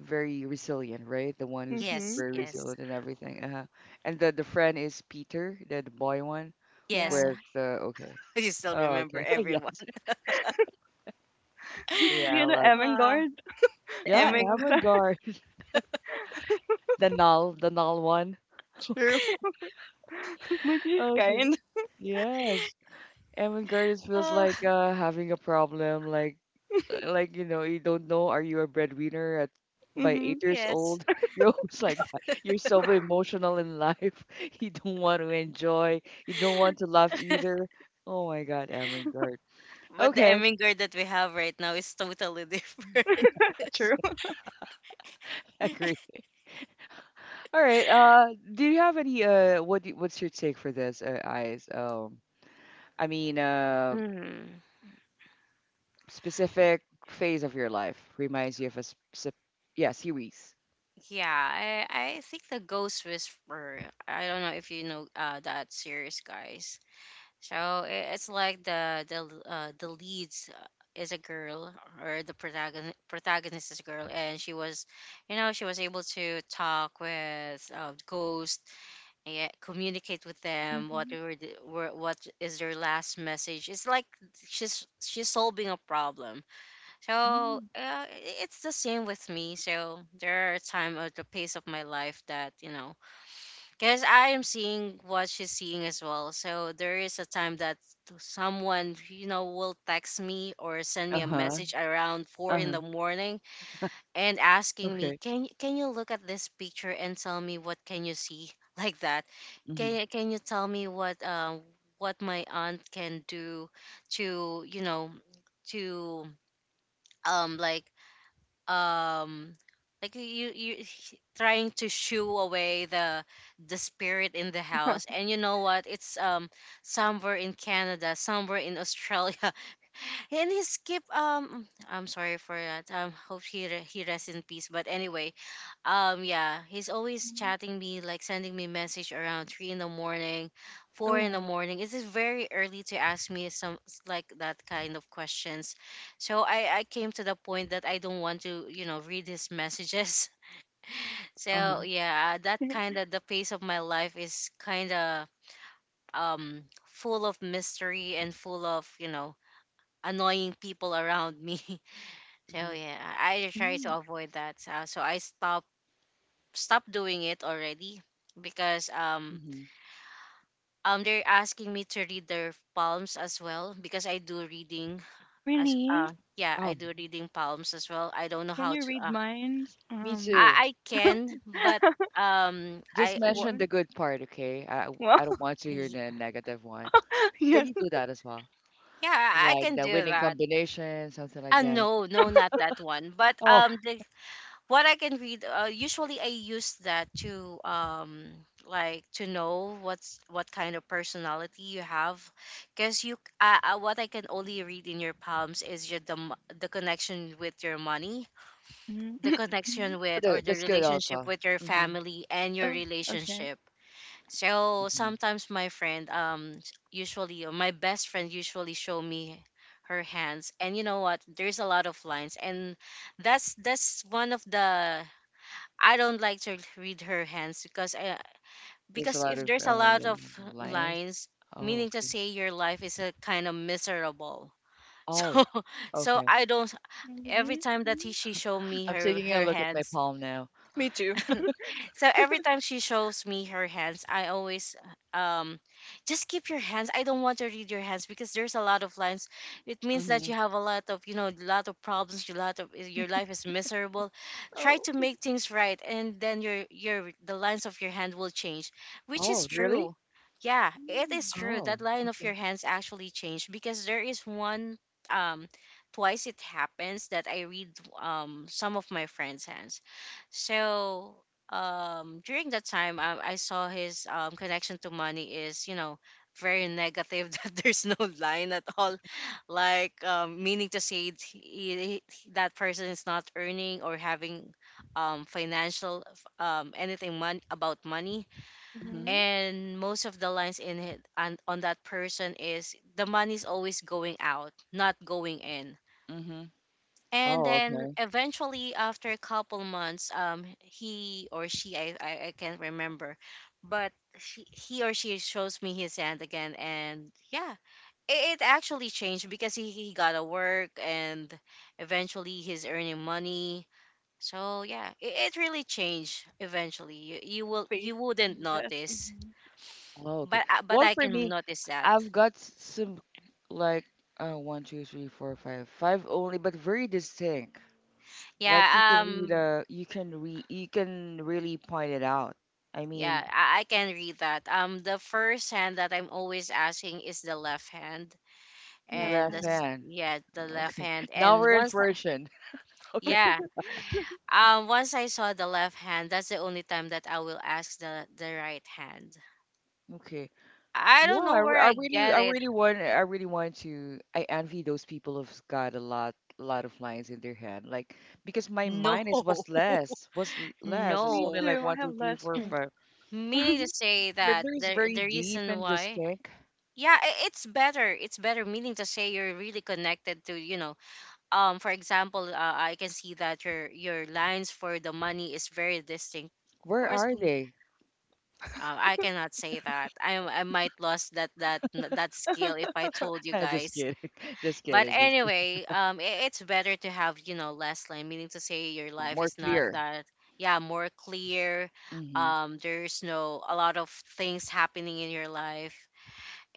[SPEAKER 1] very resilient, right? The one who's
[SPEAKER 3] Yes,
[SPEAKER 2] Mhm.
[SPEAKER 1] very
[SPEAKER 3] yes,
[SPEAKER 1] resilient and everything. Uh-huh. And the the friend is Peter, the, the boy one
[SPEAKER 3] yes.
[SPEAKER 2] Yeah.
[SPEAKER 1] with uh, okay.
[SPEAKER 3] You still
[SPEAKER 1] Oh,
[SPEAKER 3] remember
[SPEAKER 1] okay.
[SPEAKER 3] everyone.
[SPEAKER 1] Yes.
[SPEAKER 2] Do
[SPEAKER 1] Yeah, I
[SPEAKER 2] you know
[SPEAKER 1] love.
[SPEAKER 3] Uh,
[SPEAKER 2] Avangard?
[SPEAKER 3] the
[SPEAKER 2] Yeah,
[SPEAKER 1] Yeah,
[SPEAKER 2] I
[SPEAKER 3] Emming.
[SPEAKER 2] love that.
[SPEAKER 1] avant-garde. The null, the null one.
[SPEAKER 2] True. But she's
[SPEAKER 1] Okay.
[SPEAKER 2] kind.
[SPEAKER 1] Yes. Evan Curtis feels
[SPEAKER 3] Uh,
[SPEAKER 1] like uh, having a problem, like uh, like you know, you don't know are you a breadwinner at by eight
[SPEAKER 2] Mhm.
[SPEAKER 1] years
[SPEAKER 3] yes.
[SPEAKER 1] old? You're always like that. You're so emotional in life. You don't want to enjoy. You don't want to laugh either. Oh my God, Amangard.
[SPEAKER 3] But the
[SPEAKER 1] Okay,
[SPEAKER 3] Emming girl that we have right now is totally different.
[SPEAKER 2] True.
[SPEAKER 1] I agree. All right. Uh, do you have any uh, what do what's your take for this, uh, Eyes? Um, I mean, uh,
[SPEAKER 3] Mm.
[SPEAKER 1] specific phase of your life reminds you of a sp- sp- yeah series.
[SPEAKER 3] Yeah, I, I think the Ghost Whisperer. I don't know if you know uh, that series, guys. So i- it's like the the l- uh, the leads uh, is a girl, or the protagonist protagonist is a girl, and she was, you know, she was able to talk with uh, ghosts, yeah, communicate with them. What
[SPEAKER 2] Mhm.
[SPEAKER 3] were, the, were what is their last message? It's like she's she's solving a problem so
[SPEAKER 2] Mhm.
[SPEAKER 3] uh, it's the same with me. So there are time at the pace of my life that you know, because I am seeing what she's seeing as well. So there is a time that someone you know will text me or send
[SPEAKER 1] Uh
[SPEAKER 3] me a
[SPEAKER 1] huh.
[SPEAKER 3] message around four in
[SPEAKER 1] Uh
[SPEAKER 3] the morning and asking me,
[SPEAKER 1] okay.
[SPEAKER 3] can y- can you look at this picture and tell me what can you see like that?
[SPEAKER 1] Hmm.
[SPEAKER 3] Can you can you tell me what um what my aunt can do to you know to um like um like you you sh- trying to shoo away the the spirit in the house, and you know what, it's um somewhere in canada, somewhere in australia. And he skip, um I'm sorry for that, um hope he re- he rests in peace. But anyway, um, yeah, he's always
[SPEAKER 2] Mhm.
[SPEAKER 3] chatting me, like sending me message around three in the morning, four in the
[SPEAKER 2] Oh.
[SPEAKER 3] morning. It is very early to ask me some s- like that kind of questions. So I I came to the point that I don't want to you know read his messages. So
[SPEAKER 1] Uh-huh.
[SPEAKER 3] yeah, that kind of the phase of my life is kind of um full of mystery and full of you know annoying people around me. So
[SPEAKER 1] Hmm.
[SPEAKER 3] yeah, I I try to
[SPEAKER 2] Mm.
[SPEAKER 3] avoid that. So, so I stop stop doing it already because um
[SPEAKER 1] Hmm.
[SPEAKER 3] um they're asking me to read their palms as well because I do reading as
[SPEAKER 2] Really?
[SPEAKER 3] uh yeah I
[SPEAKER 1] Oh,
[SPEAKER 3] do reading palms as well. I don't know
[SPEAKER 2] Can
[SPEAKER 3] how
[SPEAKER 2] you
[SPEAKER 3] to
[SPEAKER 2] read
[SPEAKER 3] uh
[SPEAKER 2] minds?
[SPEAKER 1] me
[SPEAKER 3] I
[SPEAKER 2] Um.
[SPEAKER 1] too.
[SPEAKER 3] I can but um
[SPEAKER 1] Just
[SPEAKER 3] I w-
[SPEAKER 1] mention
[SPEAKER 2] Soon.
[SPEAKER 1] the good part, okay? I, w-
[SPEAKER 2] Well,
[SPEAKER 1] I don't want to hear the negative one. Can
[SPEAKER 2] yes.
[SPEAKER 1] you do that as well?
[SPEAKER 3] yeah I
[SPEAKER 1] Like
[SPEAKER 3] can
[SPEAKER 1] the
[SPEAKER 3] do
[SPEAKER 1] winning
[SPEAKER 3] that.
[SPEAKER 1] combination, something like
[SPEAKER 3] Uh,
[SPEAKER 1] that.
[SPEAKER 3] no, no, not that one. But
[SPEAKER 1] Oh,
[SPEAKER 3] um, the what I can read, uh, usually I use that to um like to know what's what kind of personality you have, because you uh, uh, what I can only read in your palms is your the mo- the connection with your money,
[SPEAKER 2] Mhm.
[SPEAKER 3] the
[SPEAKER 2] Mhm.
[SPEAKER 3] connection with or
[SPEAKER 1] tha-
[SPEAKER 3] the
[SPEAKER 1] that's good
[SPEAKER 3] relationship
[SPEAKER 1] also.
[SPEAKER 3] with your
[SPEAKER 1] Hmm.
[SPEAKER 3] family and your
[SPEAKER 2] Oh. Okay.
[SPEAKER 3] relationship. So
[SPEAKER 1] Hmm.
[SPEAKER 3] sometimes my friend um s- usually or my best friend usually show me her hands, and you know what, there's a lot of lines, and that's that's one of the — I don't like to read her hands because I,
[SPEAKER 1] There's a
[SPEAKER 3] because
[SPEAKER 1] lot
[SPEAKER 3] if
[SPEAKER 1] of
[SPEAKER 3] there's a
[SPEAKER 1] uh,
[SPEAKER 3] lot
[SPEAKER 1] yeah,
[SPEAKER 3] of
[SPEAKER 1] lines.
[SPEAKER 3] lines,
[SPEAKER 1] Oh,
[SPEAKER 3] meaning to
[SPEAKER 1] okay.
[SPEAKER 3] say your life is a kind of miserable.
[SPEAKER 1] Oh,
[SPEAKER 3] So so
[SPEAKER 1] okay.
[SPEAKER 3] I don't every
[SPEAKER 2] Mhm.
[SPEAKER 3] time that he, she show me
[SPEAKER 1] I'm
[SPEAKER 3] her
[SPEAKER 1] taking a
[SPEAKER 3] her
[SPEAKER 1] look at my
[SPEAKER 3] hands.
[SPEAKER 1] palm now.
[SPEAKER 2] Me too.
[SPEAKER 3] So every time she shows me her hands, I always um just keep your hands. I don't want to read your hands because there's a lot of lines. It means that
[SPEAKER 1] Hmm.
[SPEAKER 3] you have a lot of, you know, a lot of problems, your lot of your life is miserable. Try
[SPEAKER 2] Oh.
[SPEAKER 3] to make things right, and then your your the lines of your hand will change, which is
[SPEAKER 1] Oh, really?
[SPEAKER 3] true. Yeah, it is
[SPEAKER 2] Mhm.
[SPEAKER 3] true.
[SPEAKER 1] Oh,
[SPEAKER 3] That line of your
[SPEAKER 1] okay.
[SPEAKER 3] hands actually changed because there is one um twice it happens that I read um some of my friends' hands. So um during that time um, I saw his um connection to money is you know very negative that there's no line at all, like um meaning to say it- he, he, that person is not earning or having um financial um anything mon- about money,
[SPEAKER 1] Hmm.
[SPEAKER 2] Mhm.
[SPEAKER 3] and most of the lines in it on, on that person is the money's always going out, not going in.
[SPEAKER 1] Hmm.
[SPEAKER 3] And
[SPEAKER 1] Oh,
[SPEAKER 3] then
[SPEAKER 1] okay.
[SPEAKER 3] eventually, after a couple months um he or she I I, I can't remember, but she, he or she shows me his hand again, and yeah, it, it actually changed because he, he got a work and eventually he's earning money. So yeah, it, it really changed eventually. You, you
[SPEAKER 2] The
[SPEAKER 3] will —
[SPEAKER 2] face
[SPEAKER 3] you wouldn't
[SPEAKER 2] changes.
[SPEAKER 3] notice,
[SPEAKER 2] Mhm.
[SPEAKER 1] Oh, okay.
[SPEAKER 3] but I- but
[SPEAKER 1] Well,
[SPEAKER 3] I
[SPEAKER 1] for
[SPEAKER 3] can
[SPEAKER 1] me,
[SPEAKER 3] notice that.
[SPEAKER 1] I've got s- some like uh one, two, three, four, five, five only, but very distinct. Like you can
[SPEAKER 3] Yeah
[SPEAKER 1] read
[SPEAKER 3] um
[SPEAKER 1] uh you can re you can really point it out. I mean,
[SPEAKER 3] yeah, I, I can read that. Um, the first hand that I'm always asking is the left hand,
[SPEAKER 2] Left
[SPEAKER 3] and
[SPEAKER 1] left
[SPEAKER 3] that's
[SPEAKER 2] hand.
[SPEAKER 1] hand.
[SPEAKER 3] yeah, the left
[SPEAKER 1] Okay.
[SPEAKER 3] hand.
[SPEAKER 1] Now
[SPEAKER 3] And
[SPEAKER 1] we're in
[SPEAKER 3] once, I-
[SPEAKER 1] fortune. Okay.
[SPEAKER 3] yeah, um, once I saw the left hand, that's the only time that I will ask the the right hand.
[SPEAKER 1] Okay.
[SPEAKER 3] I don't
[SPEAKER 1] Yeah, I,
[SPEAKER 3] know where
[SPEAKER 1] re- I
[SPEAKER 3] I
[SPEAKER 1] really
[SPEAKER 3] get
[SPEAKER 1] I
[SPEAKER 3] it.
[SPEAKER 1] really want I really want to I envy those people who've got a lot lot of lines in their head. Like because my
[SPEAKER 3] No,
[SPEAKER 1] mind is what's less, what's l- less. It's
[SPEAKER 2] Me
[SPEAKER 1] only
[SPEAKER 3] no.
[SPEAKER 1] like
[SPEAKER 2] too.
[SPEAKER 1] one,
[SPEAKER 2] I
[SPEAKER 1] two,
[SPEAKER 2] have
[SPEAKER 1] three,
[SPEAKER 2] less
[SPEAKER 1] four,
[SPEAKER 2] one.
[SPEAKER 1] five.
[SPEAKER 3] Meaning to say that
[SPEAKER 1] Riddler's
[SPEAKER 3] the
[SPEAKER 1] very
[SPEAKER 3] the
[SPEAKER 1] deep
[SPEAKER 3] reason
[SPEAKER 1] and
[SPEAKER 3] why.
[SPEAKER 1] distinct.
[SPEAKER 3] Yeah, i- it's better. It's better. Meaning to say you're really connected to you know um for example uh, I can see that your your lines for the money is very distinct of
[SPEAKER 1] Where
[SPEAKER 3] course
[SPEAKER 1] are
[SPEAKER 3] mm,
[SPEAKER 1] they?
[SPEAKER 3] uh, I cannot say that i i might lost that that that skill if I told you
[SPEAKER 1] Just
[SPEAKER 3] guys.
[SPEAKER 1] kidding. Just
[SPEAKER 3] But
[SPEAKER 1] kidding. Just just-
[SPEAKER 3] anyway, um i- it's better to have you know less line, meaning to say your life
[SPEAKER 1] More
[SPEAKER 3] is not
[SPEAKER 1] clear.
[SPEAKER 3] that — yeah, more clear.
[SPEAKER 1] Hmm.
[SPEAKER 3] Um there's no a lot of things happening in your life.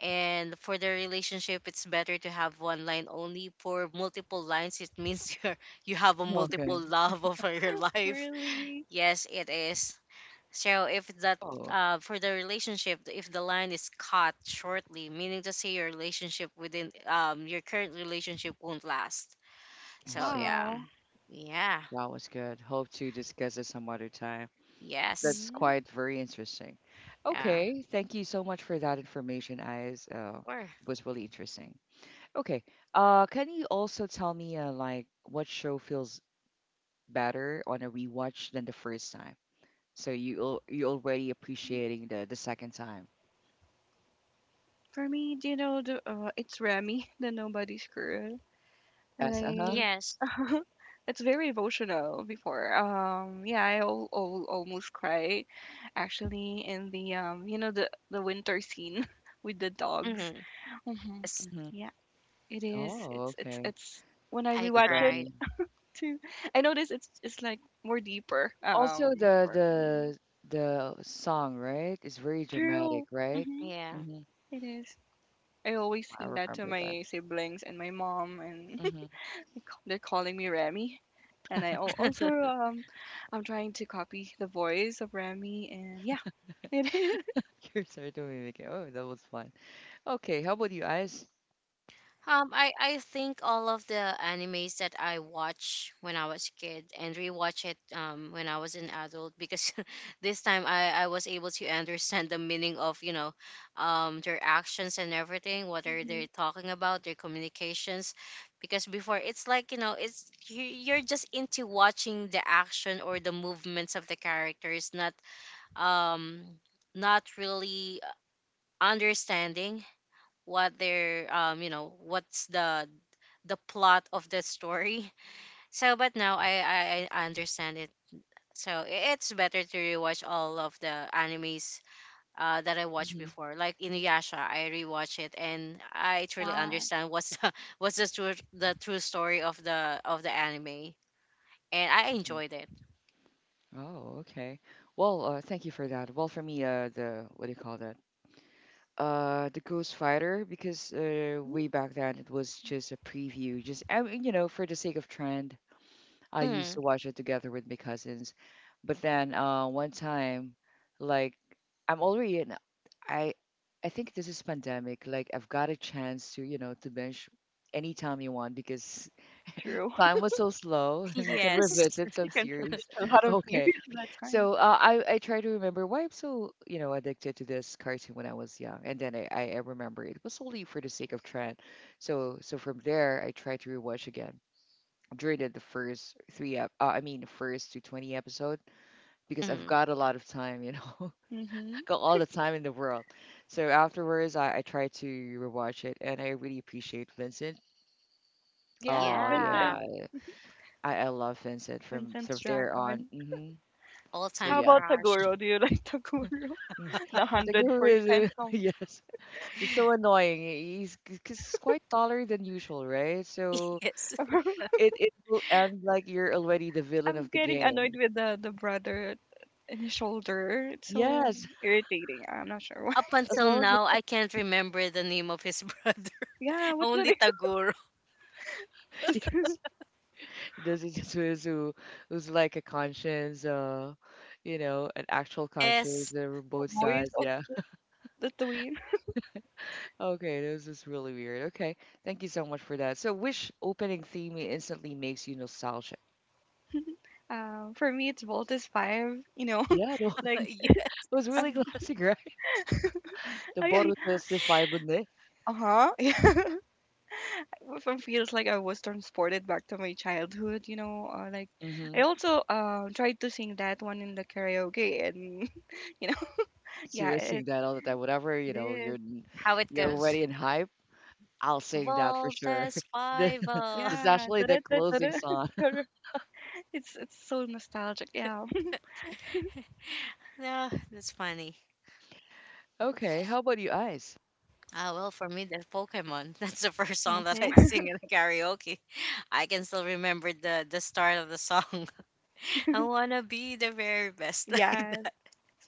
[SPEAKER 3] And for the relationship, it's better to have one line only. For multiple lines, it means you're, you have a multiple
[SPEAKER 1] Okay.
[SPEAKER 3] love over your life.
[SPEAKER 2] Really?
[SPEAKER 3] Yes, it is. So if that
[SPEAKER 1] Oh,
[SPEAKER 3] uh, for the relationship, if the line is cut shortly, meaning to say your relationship within um your current relationship won't last.
[SPEAKER 1] I
[SPEAKER 3] So
[SPEAKER 1] see.
[SPEAKER 3] yeah,
[SPEAKER 2] Wow.
[SPEAKER 3] yeah,
[SPEAKER 1] That was good. Hope to discuss it some other time.
[SPEAKER 3] yes,
[SPEAKER 1] That's
[SPEAKER 2] Mhm.
[SPEAKER 1] quite very interesting.
[SPEAKER 3] yeah,
[SPEAKER 1] Okay. Thank you so much for that information, Eyes. Uh,
[SPEAKER 3] or
[SPEAKER 1] it was really interesting. Okay. Uh, can you also tell me, uh, like, what show feels better on a rewatch than the first time? So you al- you already appreciating the the second time.
[SPEAKER 2] For me, do you know the uh, it's Remy, the nobody's girl.
[SPEAKER 1] Yes, uh-huh.
[SPEAKER 2] Like
[SPEAKER 3] yes,
[SPEAKER 2] it's very emotional. Before, um, yeah, I al- al- almost cry, actually, in the um, you know, the the winter scene with the dogs.
[SPEAKER 3] mm-hmm.
[SPEAKER 2] Mhm.
[SPEAKER 3] Yes.
[SPEAKER 1] Hmm.
[SPEAKER 2] It is.
[SPEAKER 1] Oh,
[SPEAKER 2] It's it's
[SPEAKER 1] okay.
[SPEAKER 2] it's when I
[SPEAKER 3] I
[SPEAKER 1] The
[SPEAKER 2] rewatch it
[SPEAKER 3] cried.
[SPEAKER 1] Remy.
[SPEAKER 2] too. I notice it's it's like more deeper.
[SPEAKER 1] Also
[SPEAKER 2] Um,
[SPEAKER 1] the
[SPEAKER 2] for me.
[SPEAKER 1] the the song, right? It's very dramatic,
[SPEAKER 2] True.
[SPEAKER 1] right?
[SPEAKER 2] Mm-hmm.
[SPEAKER 3] Yeah.
[SPEAKER 1] Hmm.
[SPEAKER 2] It is. I always
[SPEAKER 1] I
[SPEAKER 2] sing that to
[SPEAKER 1] remember that.
[SPEAKER 2] my siblings and my mom, and
[SPEAKER 1] Hmm.
[SPEAKER 2] they ca- they're calling me Remy. And I al- also, um, I'm trying to copy the voice of Remy, and yeah, it is.
[SPEAKER 1] You're so make it. Oh, that was fun. Okay, how about you guys?
[SPEAKER 3] Um, I I think all of the animes that I watch when I was a kid and rewatch it um when I was an adult, because this time I I was able to understand the meaning of you know, um their actions and everything, what are
[SPEAKER 2] Mhm.
[SPEAKER 3] they talking about, their communications, because before it's like you know it's you- you're just into watching the action or the movements of the characters, not um not really understanding what they're um you know what's the the plot of the story. So, but now I, I I understand it. So i- it's better to rewatch all of the animes uh, that I watched
[SPEAKER 1] Hmm.
[SPEAKER 3] before. Like Inuyasha, I rewatch it and I truly
[SPEAKER 2] Yeah,
[SPEAKER 3] understand what's the, what's the true the true story of the of the anime, and I
[SPEAKER 1] Hmm.
[SPEAKER 3] enjoyed it.
[SPEAKER 1] Oh, okay. Well, uh, thank you for that. Well, for me, uh, the what do you call that? Uh, the Ghost Fighter, because uh, way back then it was just a preview, just I mean, you know, for the sake of trend I used
[SPEAKER 3] Mm,
[SPEAKER 1] to watch it together with my cousins. But then uh, one time, like I'm already in, I I think this is pandemic. Like I've got a chance to you know to binge anytime you want because
[SPEAKER 2] true.
[SPEAKER 1] time was so slow and you can
[SPEAKER 3] yes.
[SPEAKER 1] revisit some
[SPEAKER 2] You can finish
[SPEAKER 1] series.
[SPEAKER 2] a lot of
[SPEAKER 1] Okay,
[SPEAKER 2] series in that time.
[SPEAKER 1] so uh, I I try to remember why I'm so you know addicted to this cartoon when I was young, and then I I I remember it was only for the sake of trend. So so from there I try to rewatch again dreaded the first three, ep- uh, I mean, the first to twenty episode because I've
[SPEAKER 3] Mm,
[SPEAKER 1] got a lot of time, you know,
[SPEAKER 2] Mm-hmm.
[SPEAKER 1] got all the time in the world. So afterwards, I, I try to rewatch it and I really appreciate Vincent.
[SPEAKER 2] Yeah,
[SPEAKER 1] Oh,
[SPEAKER 3] yeah.
[SPEAKER 1] yeah.
[SPEAKER 2] Vincent,
[SPEAKER 1] I, I love Vincent from,
[SPEAKER 2] Vincent's
[SPEAKER 1] from there on.
[SPEAKER 2] Dragon.
[SPEAKER 1] Hmm.
[SPEAKER 3] All
[SPEAKER 1] So,
[SPEAKER 3] time
[SPEAKER 2] How
[SPEAKER 1] yeah.
[SPEAKER 2] about
[SPEAKER 3] crush.
[SPEAKER 2] Taguro? Do you like Taguro? The
[SPEAKER 1] The
[SPEAKER 2] hundred
[SPEAKER 1] guru is, uh,
[SPEAKER 2] percent song.
[SPEAKER 1] yes, he's so annoying. He- He's because he's quite taller than usual, right? So
[SPEAKER 3] Yes.
[SPEAKER 1] it it will end like you're already the villain
[SPEAKER 2] I'm
[SPEAKER 1] of the
[SPEAKER 2] getting annoyed
[SPEAKER 1] game.
[SPEAKER 2] with the the brother in his shoulder. It's so
[SPEAKER 1] Yes,
[SPEAKER 2] irritating. I'm not sure why.
[SPEAKER 3] Up
[SPEAKER 1] as
[SPEAKER 3] until
[SPEAKER 1] well as
[SPEAKER 3] now, I can't remember the name of his brother.
[SPEAKER 2] Yeah, what's the
[SPEAKER 3] Only
[SPEAKER 2] name?
[SPEAKER 3] Taguro.
[SPEAKER 2] Just the
[SPEAKER 1] yes. There's a who's who who's like a conscience, uh, you know, an actual conscience.
[SPEAKER 3] Yes.
[SPEAKER 1] There were both
[SPEAKER 2] voice
[SPEAKER 1] sides.
[SPEAKER 2] of
[SPEAKER 1] Yeah.
[SPEAKER 2] the twin.
[SPEAKER 1] Okay, this is really weird. Okay, thank you so much for that. So, which opening theme instantly makes you nostalgic?
[SPEAKER 2] Um, for me, it's Voltus Five. You know,
[SPEAKER 1] Yeah, no,
[SPEAKER 2] like
[SPEAKER 1] it
[SPEAKER 3] Yes.
[SPEAKER 1] was
[SPEAKER 2] I'm.
[SPEAKER 1] really classic, right? The
[SPEAKER 2] I,
[SPEAKER 1] Boruto Sifai Bunde.
[SPEAKER 2] I, uh huh. Yeah. It feels like I was transported back to my childhood. You know, uh, like
[SPEAKER 1] Mm-hmm.
[SPEAKER 2] I also um tried to sing that one in the karaoke, and you know,
[SPEAKER 1] So
[SPEAKER 2] yeah,
[SPEAKER 1] you're
[SPEAKER 2] it
[SPEAKER 1] seeing that all the time. Whatever, you
[SPEAKER 2] it
[SPEAKER 1] know, you're
[SPEAKER 2] is.
[SPEAKER 1] n-
[SPEAKER 3] How it
[SPEAKER 1] you're
[SPEAKER 3] goes.
[SPEAKER 1] already in hype. I'll sing that for sure.
[SPEAKER 3] Voltes
[SPEAKER 1] The-
[SPEAKER 3] Viva.
[SPEAKER 1] It's
[SPEAKER 2] Yeah.
[SPEAKER 1] actually the
[SPEAKER 2] Tada, tada, tada.
[SPEAKER 1] closing song.
[SPEAKER 2] Correct. It's it's so nostalgic. Yeah.
[SPEAKER 3] Yeah, that's funny.
[SPEAKER 1] Okay, how about you, Ice?
[SPEAKER 3] Ah, well, for me, that's Pokemon. That's the first song that I
[SPEAKER 2] Mm-hmm.
[SPEAKER 3] sing in karaoke. I can still remember the the start of the song. I wanna be the very best, like
[SPEAKER 2] Yes.
[SPEAKER 3] that.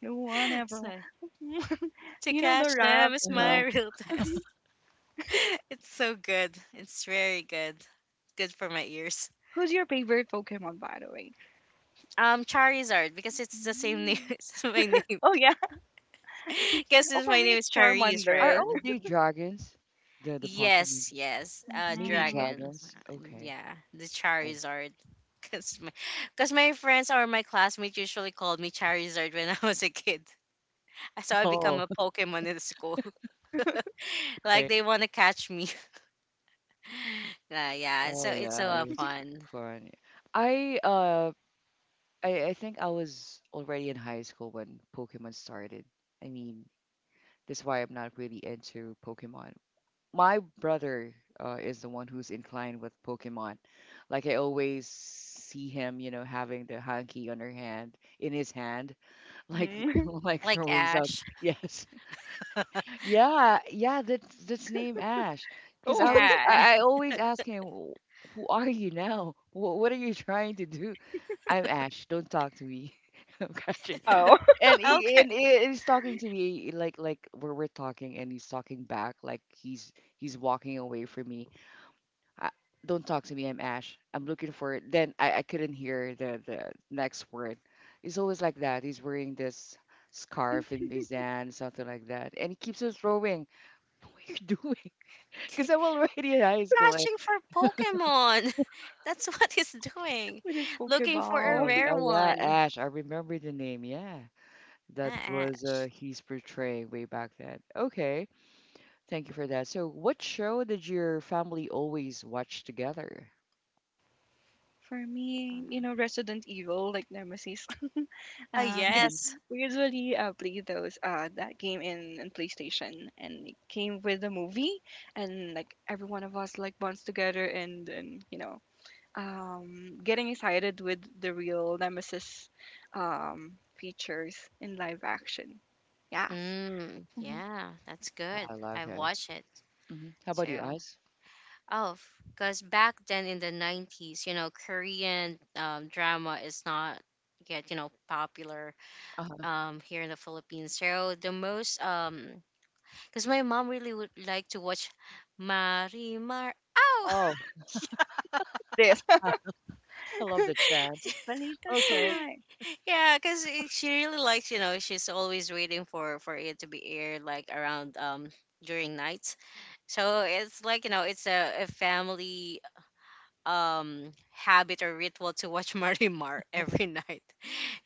[SPEAKER 2] No one ever.
[SPEAKER 3] So,
[SPEAKER 2] wa-
[SPEAKER 3] to
[SPEAKER 2] You know the
[SPEAKER 3] catch them
[SPEAKER 2] rap
[SPEAKER 3] is
[SPEAKER 1] Uh
[SPEAKER 3] my
[SPEAKER 1] huh.
[SPEAKER 2] too.
[SPEAKER 3] real test. It's so good. It's very good. Good for my ears.
[SPEAKER 2] Who's your favorite Pokemon, by the way?
[SPEAKER 3] Um, Charizard because it's the same name.
[SPEAKER 2] Mm.
[SPEAKER 3] It's my name.
[SPEAKER 2] Oh yeah.
[SPEAKER 3] Guess
[SPEAKER 2] Oh,
[SPEAKER 3] since
[SPEAKER 2] for
[SPEAKER 3] my
[SPEAKER 2] me
[SPEAKER 3] name
[SPEAKER 2] it's
[SPEAKER 3] is Charis,
[SPEAKER 1] Are
[SPEAKER 3] right?
[SPEAKER 2] Charmander.
[SPEAKER 1] all the dragons the the Pokemon
[SPEAKER 3] Yes, yes. Uh,
[SPEAKER 1] mini
[SPEAKER 2] Hmm.
[SPEAKER 3] dragons.
[SPEAKER 1] dragons?
[SPEAKER 3] uh,
[SPEAKER 1] Okay.
[SPEAKER 3] Yeah, the
[SPEAKER 1] Oh,
[SPEAKER 3] Charizard. Cause my, cause my friends or my classmates usually called me Charizard when I was a kid. So I become
[SPEAKER 1] oh,
[SPEAKER 3] a Pokemon in school. Like
[SPEAKER 1] okay.
[SPEAKER 3] they want to catch me. Uh, yeah,
[SPEAKER 1] Oh
[SPEAKER 3] so it's so
[SPEAKER 1] yeah,
[SPEAKER 3] uh,
[SPEAKER 1] that was
[SPEAKER 3] fun.
[SPEAKER 1] fun. I uh I, I think I was already in high school when Pokemon started. I mean, that's why I'm not really into Pokemon. My brother uh, is the one who's inclined with Pokemon. Like I always see him, you know, having the hanky on her hand in his hand, like
[SPEAKER 2] Mm-hmm.
[SPEAKER 1] like
[SPEAKER 3] Like
[SPEAKER 1] throwing something.
[SPEAKER 3] Ash.
[SPEAKER 1] Yes. Yeah, yeah, that's that's name Ash. Because
[SPEAKER 2] Oh.
[SPEAKER 1] I was,
[SPEAKER 3] Yeah.
[SPEAKER 1] I, I always ask him, "Wh- who are you now? What, what are you trying to do? I'm Ash. Don't talk to me. I'm catching."
[SPEAKER 2] Wow.
[SPEAKER 1] And he
[SPEAKER 3] Okay.
[SPEAKER 1] and he- he's talking to me eh, like like we're we're talking, and he's talking back like he's he's walking away from me. I, don't talk to me. I'm Ash. I'm looking for it. Then I, I couldn't hear the the next word. He's always like that. He's wearing this scarf in his hand, something like that, and he keeps on throwing What you're doing? Because I'm already in high school. At,
[SPEAKER 3] Catching
[SPEAKER 1] that
[SPEAKER 3] for Pokemon. That's what he's doing.
[SPEAKER 2] With his
[SPEAKER 3] Looking for a
[SPEAKER 2] Pokeballs.
[SPEAKER 1] point.
[SPEAKER 3] rare
[SPEAKER 1] Oh, yeah,
[SPEAKER 3] one.
[SPEAKER 1] Ash. I remember the name. Yeah, that
[SPEAKER 3] Ah,
[SPEAKER 1] was uh,
[SPEAKER 3] Ash.
[SPEAKER 1] he's portraying way back then. Okay, thank you for that. So, what show did your family always watch together?
[SPEAKER 2] For me, you
[SPEAKER 3] Uh-huh.
[SPEAKER 2] know, Resident Evil, like Nemesis.
[SPEAKER 3] Uh,
[SPEAKER 2] Uh, because
[SPEAKER 1] Hmm.
[SPEAKER 3] yes.
[SPEAKER 2] we usually uh, play those uh, that game in, in PlayStation, and it came with the movie, and like every one of us like bonds together and and you know um, getting excited with the real Nemesis um, features in live action. Yes,
[SPEAKER 3] Mm,
[SPEAKER 2] mhm,
[SPEAKER 3] yeah, that's good.
[SPEAKER 1] I love
[SPEAKER 3] I've
[SPEAKER 1] him.
[SPEAKER 3] watched it
[SPEAKER 1] Hmm. How about you,
[SPEAKER 3] too.
[SPEAKER 1] Ice?
[SPEAKER 3] Oh, because back then in the nineties, you know, Korean um, drama is not yet, you know, popular
[SPEAKER 1] Uh huh.
[SPEAKER 3] um, here in the Philippines. So the most, um, because my mom really would like to watch Marimar. Oh,
[SPEAKER 1] Oh,
[SPEAKER 2] it is.
[SPEAKER 1] I love the chance.
[SPEAKER 2] Believe the
[SPEAKER 1] Okay.
[SPEAKER 2] song.
[SPEAKER 3] yeah, because she really likes, you know, she's always waiting for for it to be aired like around um during nights. So it's like you know, it's a, a family um habit or ritual to watch Marimar every night.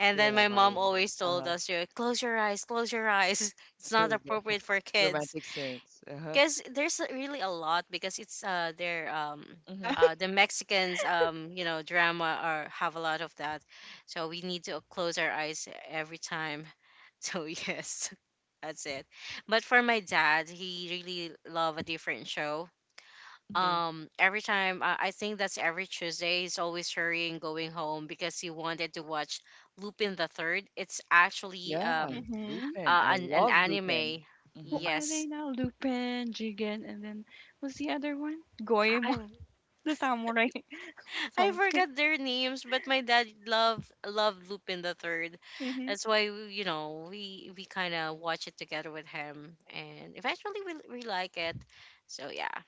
[SPEAKER 3] And then
[SPEAKER 1] Yeah,
[SPEAKER 3] my mom
[SPEAKER 1] Mario Miller.
[SPEAKER 3] always
[SPEAKER 1] Uh
[SPEAKER 3] told
[SPEAKER 1] huh.
[SPEAKER 3] us, you know, close your eyes, close your eyes. It's
[SPEAKER 1] Where
[SPEAKER 3] not
[SPEAKER 1] is it?
[SPEAKER 3] appropriate for kids.
[SPEAKER 1] Romantic Sinks. Uh huh.
[SPEAKER 3] Because there's really a lot, because it's uh their um
[SPEAKER 1] Mm-hmm.
[SPEAKER 2] Yeah.
[SPEAKER 3] uh, the Mexicans, um, you know, drama are have a lot of that, so we need to close our eyes every time. So yes, that's it. But for my dad, he really love a different show
[SPEAKER 1] Hmm.
[SPEAKER 3] um every time I, I think that's every Tuesday he's always hurrying going home because he wanted to watch Lupin the Third. It's actually
[SPEAKER 1] Yeah,
[SPEAKER 3] um
[SPEAKER 2] Hmm.
[SPEAKER 1] Lupin. I
[SPEAKER 3] uh, an an
[SPEAKER 1] love Lupin.
[SPEAKER 3] anime.
[SPEAKER 2] Who
[SPEAKER 1] Mm-hmm.
[SPEAKER 2] are they
[SPEAKER 3] Yes.
[SPEAKER 2] now? Lupin, Jigen, and then what's the other one?
[SPEAKER 3] I
[SPEAKER 2] Goemon,
[SPEAKER 3] I
[SPEAKER 2] the samurai,
[SPEAKER 3] I
[SPEAKER 2] something.
[SPEAKER 3] forgot their names, but my dad loved loved Lupin the Third.
[SPEAKER 2] Mm-hmm.
[SPEAKER 3] That's why you know we we kind of watch it together with him, and eventually we we like it. So yeah,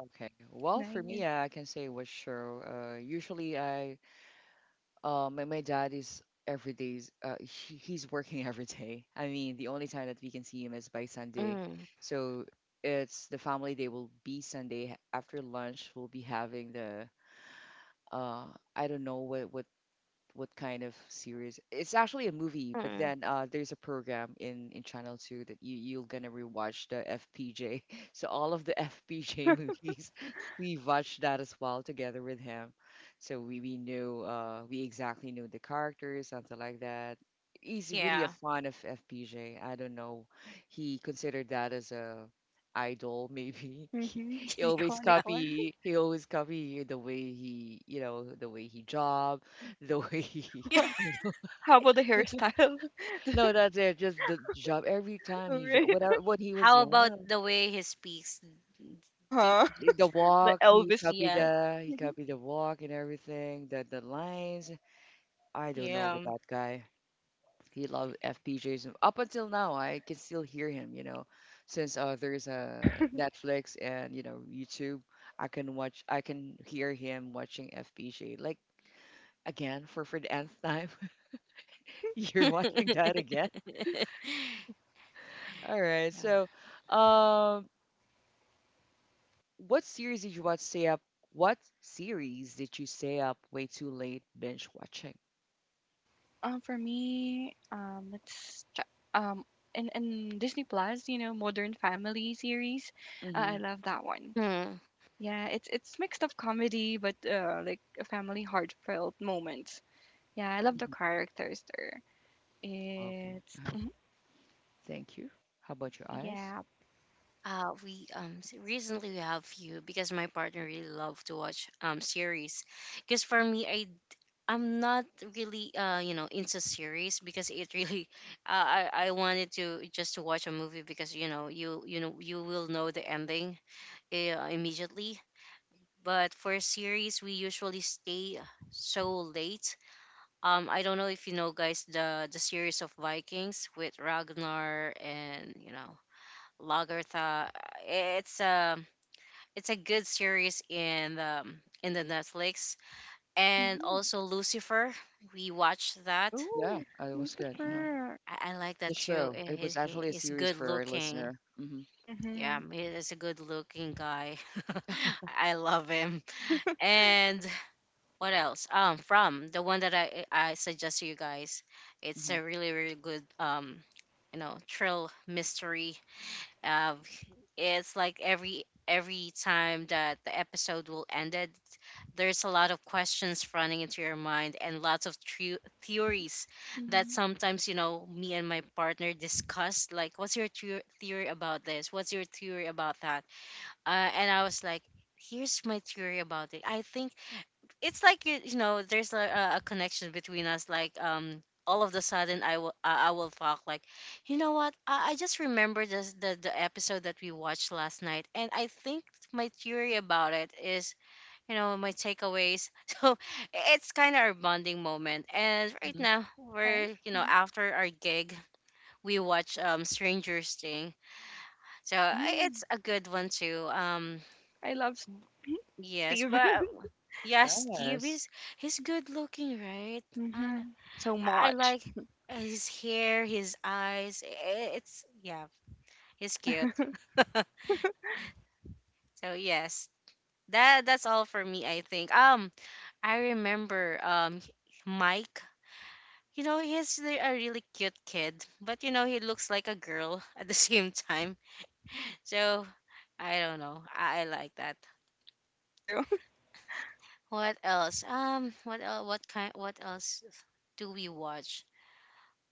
[SPEAKER 1] Okay. Well, for me, uh, I can say what show. Uh, usually, I uh, my my dad is every day's. Uh, he, he's working every day. I mean, the only time that we can see him is by Sunday.
[SPEAKER 3] mm,
[SPEAKER 1] So it's the family day will be Sunday after lunch. We'll be having the uh, I don't know what what what kind of series. It's actually a movie, but
[SPEAKER 3] mm,
[SPEAKER 1] then uh, there's a program in in Channel Two that you you're gonna rewatch the F P J. So all of the F P J movies, we watched that as well together with him. So we we knew uh, we exactly knew the characters, something like that. He's
[SPEAKER 3] yeah.
[SPEAKER 1] really a fan of F P J. I don't know. He considered that as a idol maybe he,
[SPEAKER 2] Mm-hmm.
[SPEAKER 1] he always
[SPEAKER 2] Iconic one.
[SPEAKER 1] copy he always copy the way he you know the way he job the way he,
[SPEAKER 2] How about the hairstyle? The-
[SPEAKER 1] no, that's it. Just the job. Every time he, jo-
[SPEAKER 2] right?
[SPEAKER 1] whatever, when he was
[SPEAKER 3] How about
[SPEAKER 1] young,
[SPEAKER 3] the way he speaks? Do,
[SPEAKER 2] Uh-huh.
[SPEAKER 1] i- the
[SPEAKER 2] The
[SPEAKER 1] walk, he
[SPEAKER 2] Elvis.
[SPEAKER 1] copied
[SPEAKER 3] yeah,
[SPEAKER 2] Pres-
[SPEAKER 1] the, he
[SPEAKER 2] Mhm.
[SPEAKER 1] copied the walk and everything. The the lines. I don't know with
[SPEAKER 3] Yeah.
[SPEAKER 1] that guy. He loved F P Js. And up until now, I can still hear him. You know, since uh, there's uh, Netflix and you know YouTube, I can watch. I can hear him watching F P J. Like again for for the nth time, you're watching that again. All right, so. Um, What series did you watch stay up? What series did you stay up way too late binge watching?
[SPEAKER 2] Um, for me, um, let's check. Um, in, in Disney Plus, you know, Modern Family series, uh,
[SPEAKER 1] Mm-hmm.
[SPEAKER 2] I love that one.
[SPEAKER 3] Hmm.
[SPEAKER 2] Yeah, it's it's mixed of comedy, but uh, like a family heartfelt moments. Yeah, I love the
[SPEAKER 1] Hmm.
[SPEAKER 2] characters there. It's
[SPEAKER 1] Okay. Thank you. How about your eyes?
[SPEAKER 2] yeah.
[SPEAKER 3] Uh, we um s- recently we have few because my partner really love to watch um series, because for me I I'm not really uh you know into series because it really uh, I I wanted to just to watch a movie because you know you you know you will know the ending uh, immediately. But for series we usually stay so late. Um, I don't know if you know guys the the series of Vikings with Ragnar and you know Lagertha. eh, It's a it's a good series in the in the Netflix, and
[SPEAKER 2] Mm-hmm.
[SPEAKER 3] also Lucifer. We watched that.
[SPEAKER 1] Yeah,
[SPEAKER 2] Oh,
[SPEAKER 1] uh, it was good. Uh-huh.
[SPEAKER 3] He-
[SPEAKER 2] Lucifer.
[SPEAKER 3] I, I like
[SPEAKER 1] The
[SPEAKER 3] that too.
[SPEAKER 1] show.
[SPEAKER 3] Eh,
[SPEAKER 1] It
[SPEAKER 3] He,
[SPEAKER 1] was
[SPEAKER 3] he,
[SPEAKER 1] actually a
[SPEAKER 3] he's
[SPEAKER 1] series
[SPEAKER 3] good
[SPEAKER 1] for our
[SPEAKER 3] looking.
[SPEAKER 1] listener. Mm-hmm.
[SPEAKER 3] Yeah,
[SPEAKER 2] Mm-hmm.
[SPEAKER 3] he is a good looking guy. I love him. And what else? Um, from the one that I I suggest to you guys. It's a really really good um you know thrill mystery. Um, it's like every every time that the episode will ended, there's a lot of questions running into your mind and lots of tru- theories that
[SPEAKER 2] Mm-hmm.
[SPEAKER 3] sometimes you know me and my partner discussed. Like, what's your tru- theory about this? What's your theory about that? Uh, and I was like, here's my theory about it. I think it's like you, you know there's a, a a connection between us like um all of the sudden i will i I will talk like you know what i, I just remember this, the the episode that we watched last night, and I think my theory about it is you know my takeaways. So it's kind of our bonding moment, and right
[SPEAKER 1] Mm-hmm. Hmm.
[SPEAKER 3] now
[SPEAKER 2] Nice.
[SPEAKER 3] we're you know after our gig we watch um strangers thing, so I- it's
[SPEAKER 2] Mhm.
[SPEAKER 3] a good one too. um
[SPEAKER 2] I love S-
[SPEAKER 3] Yes,
[SPEAKER 2] Steve.
[SPEAKER 3] but yeah, Steve
[SPEAKER 1] Yes.
[SPEAKER 3] is he's good looking, right? Uh,
[SPEAKER 2] Hmm. So
[SPEAKER 3] I I
[SPEAKER 2] much.
[SPEAKER 3] like his hair, his eyes. i- It's yeah, he's cute. So yes, that that's all for me. I think. Um, I remember um Mike. You know, he's re- a really cute kid, but you know he looks like a girl at the same time. So I don't know. I, I like that.
[SPEAKER 2] True.
[SPEAKER 3] What else? Um, what el- What kind? What else do we watch?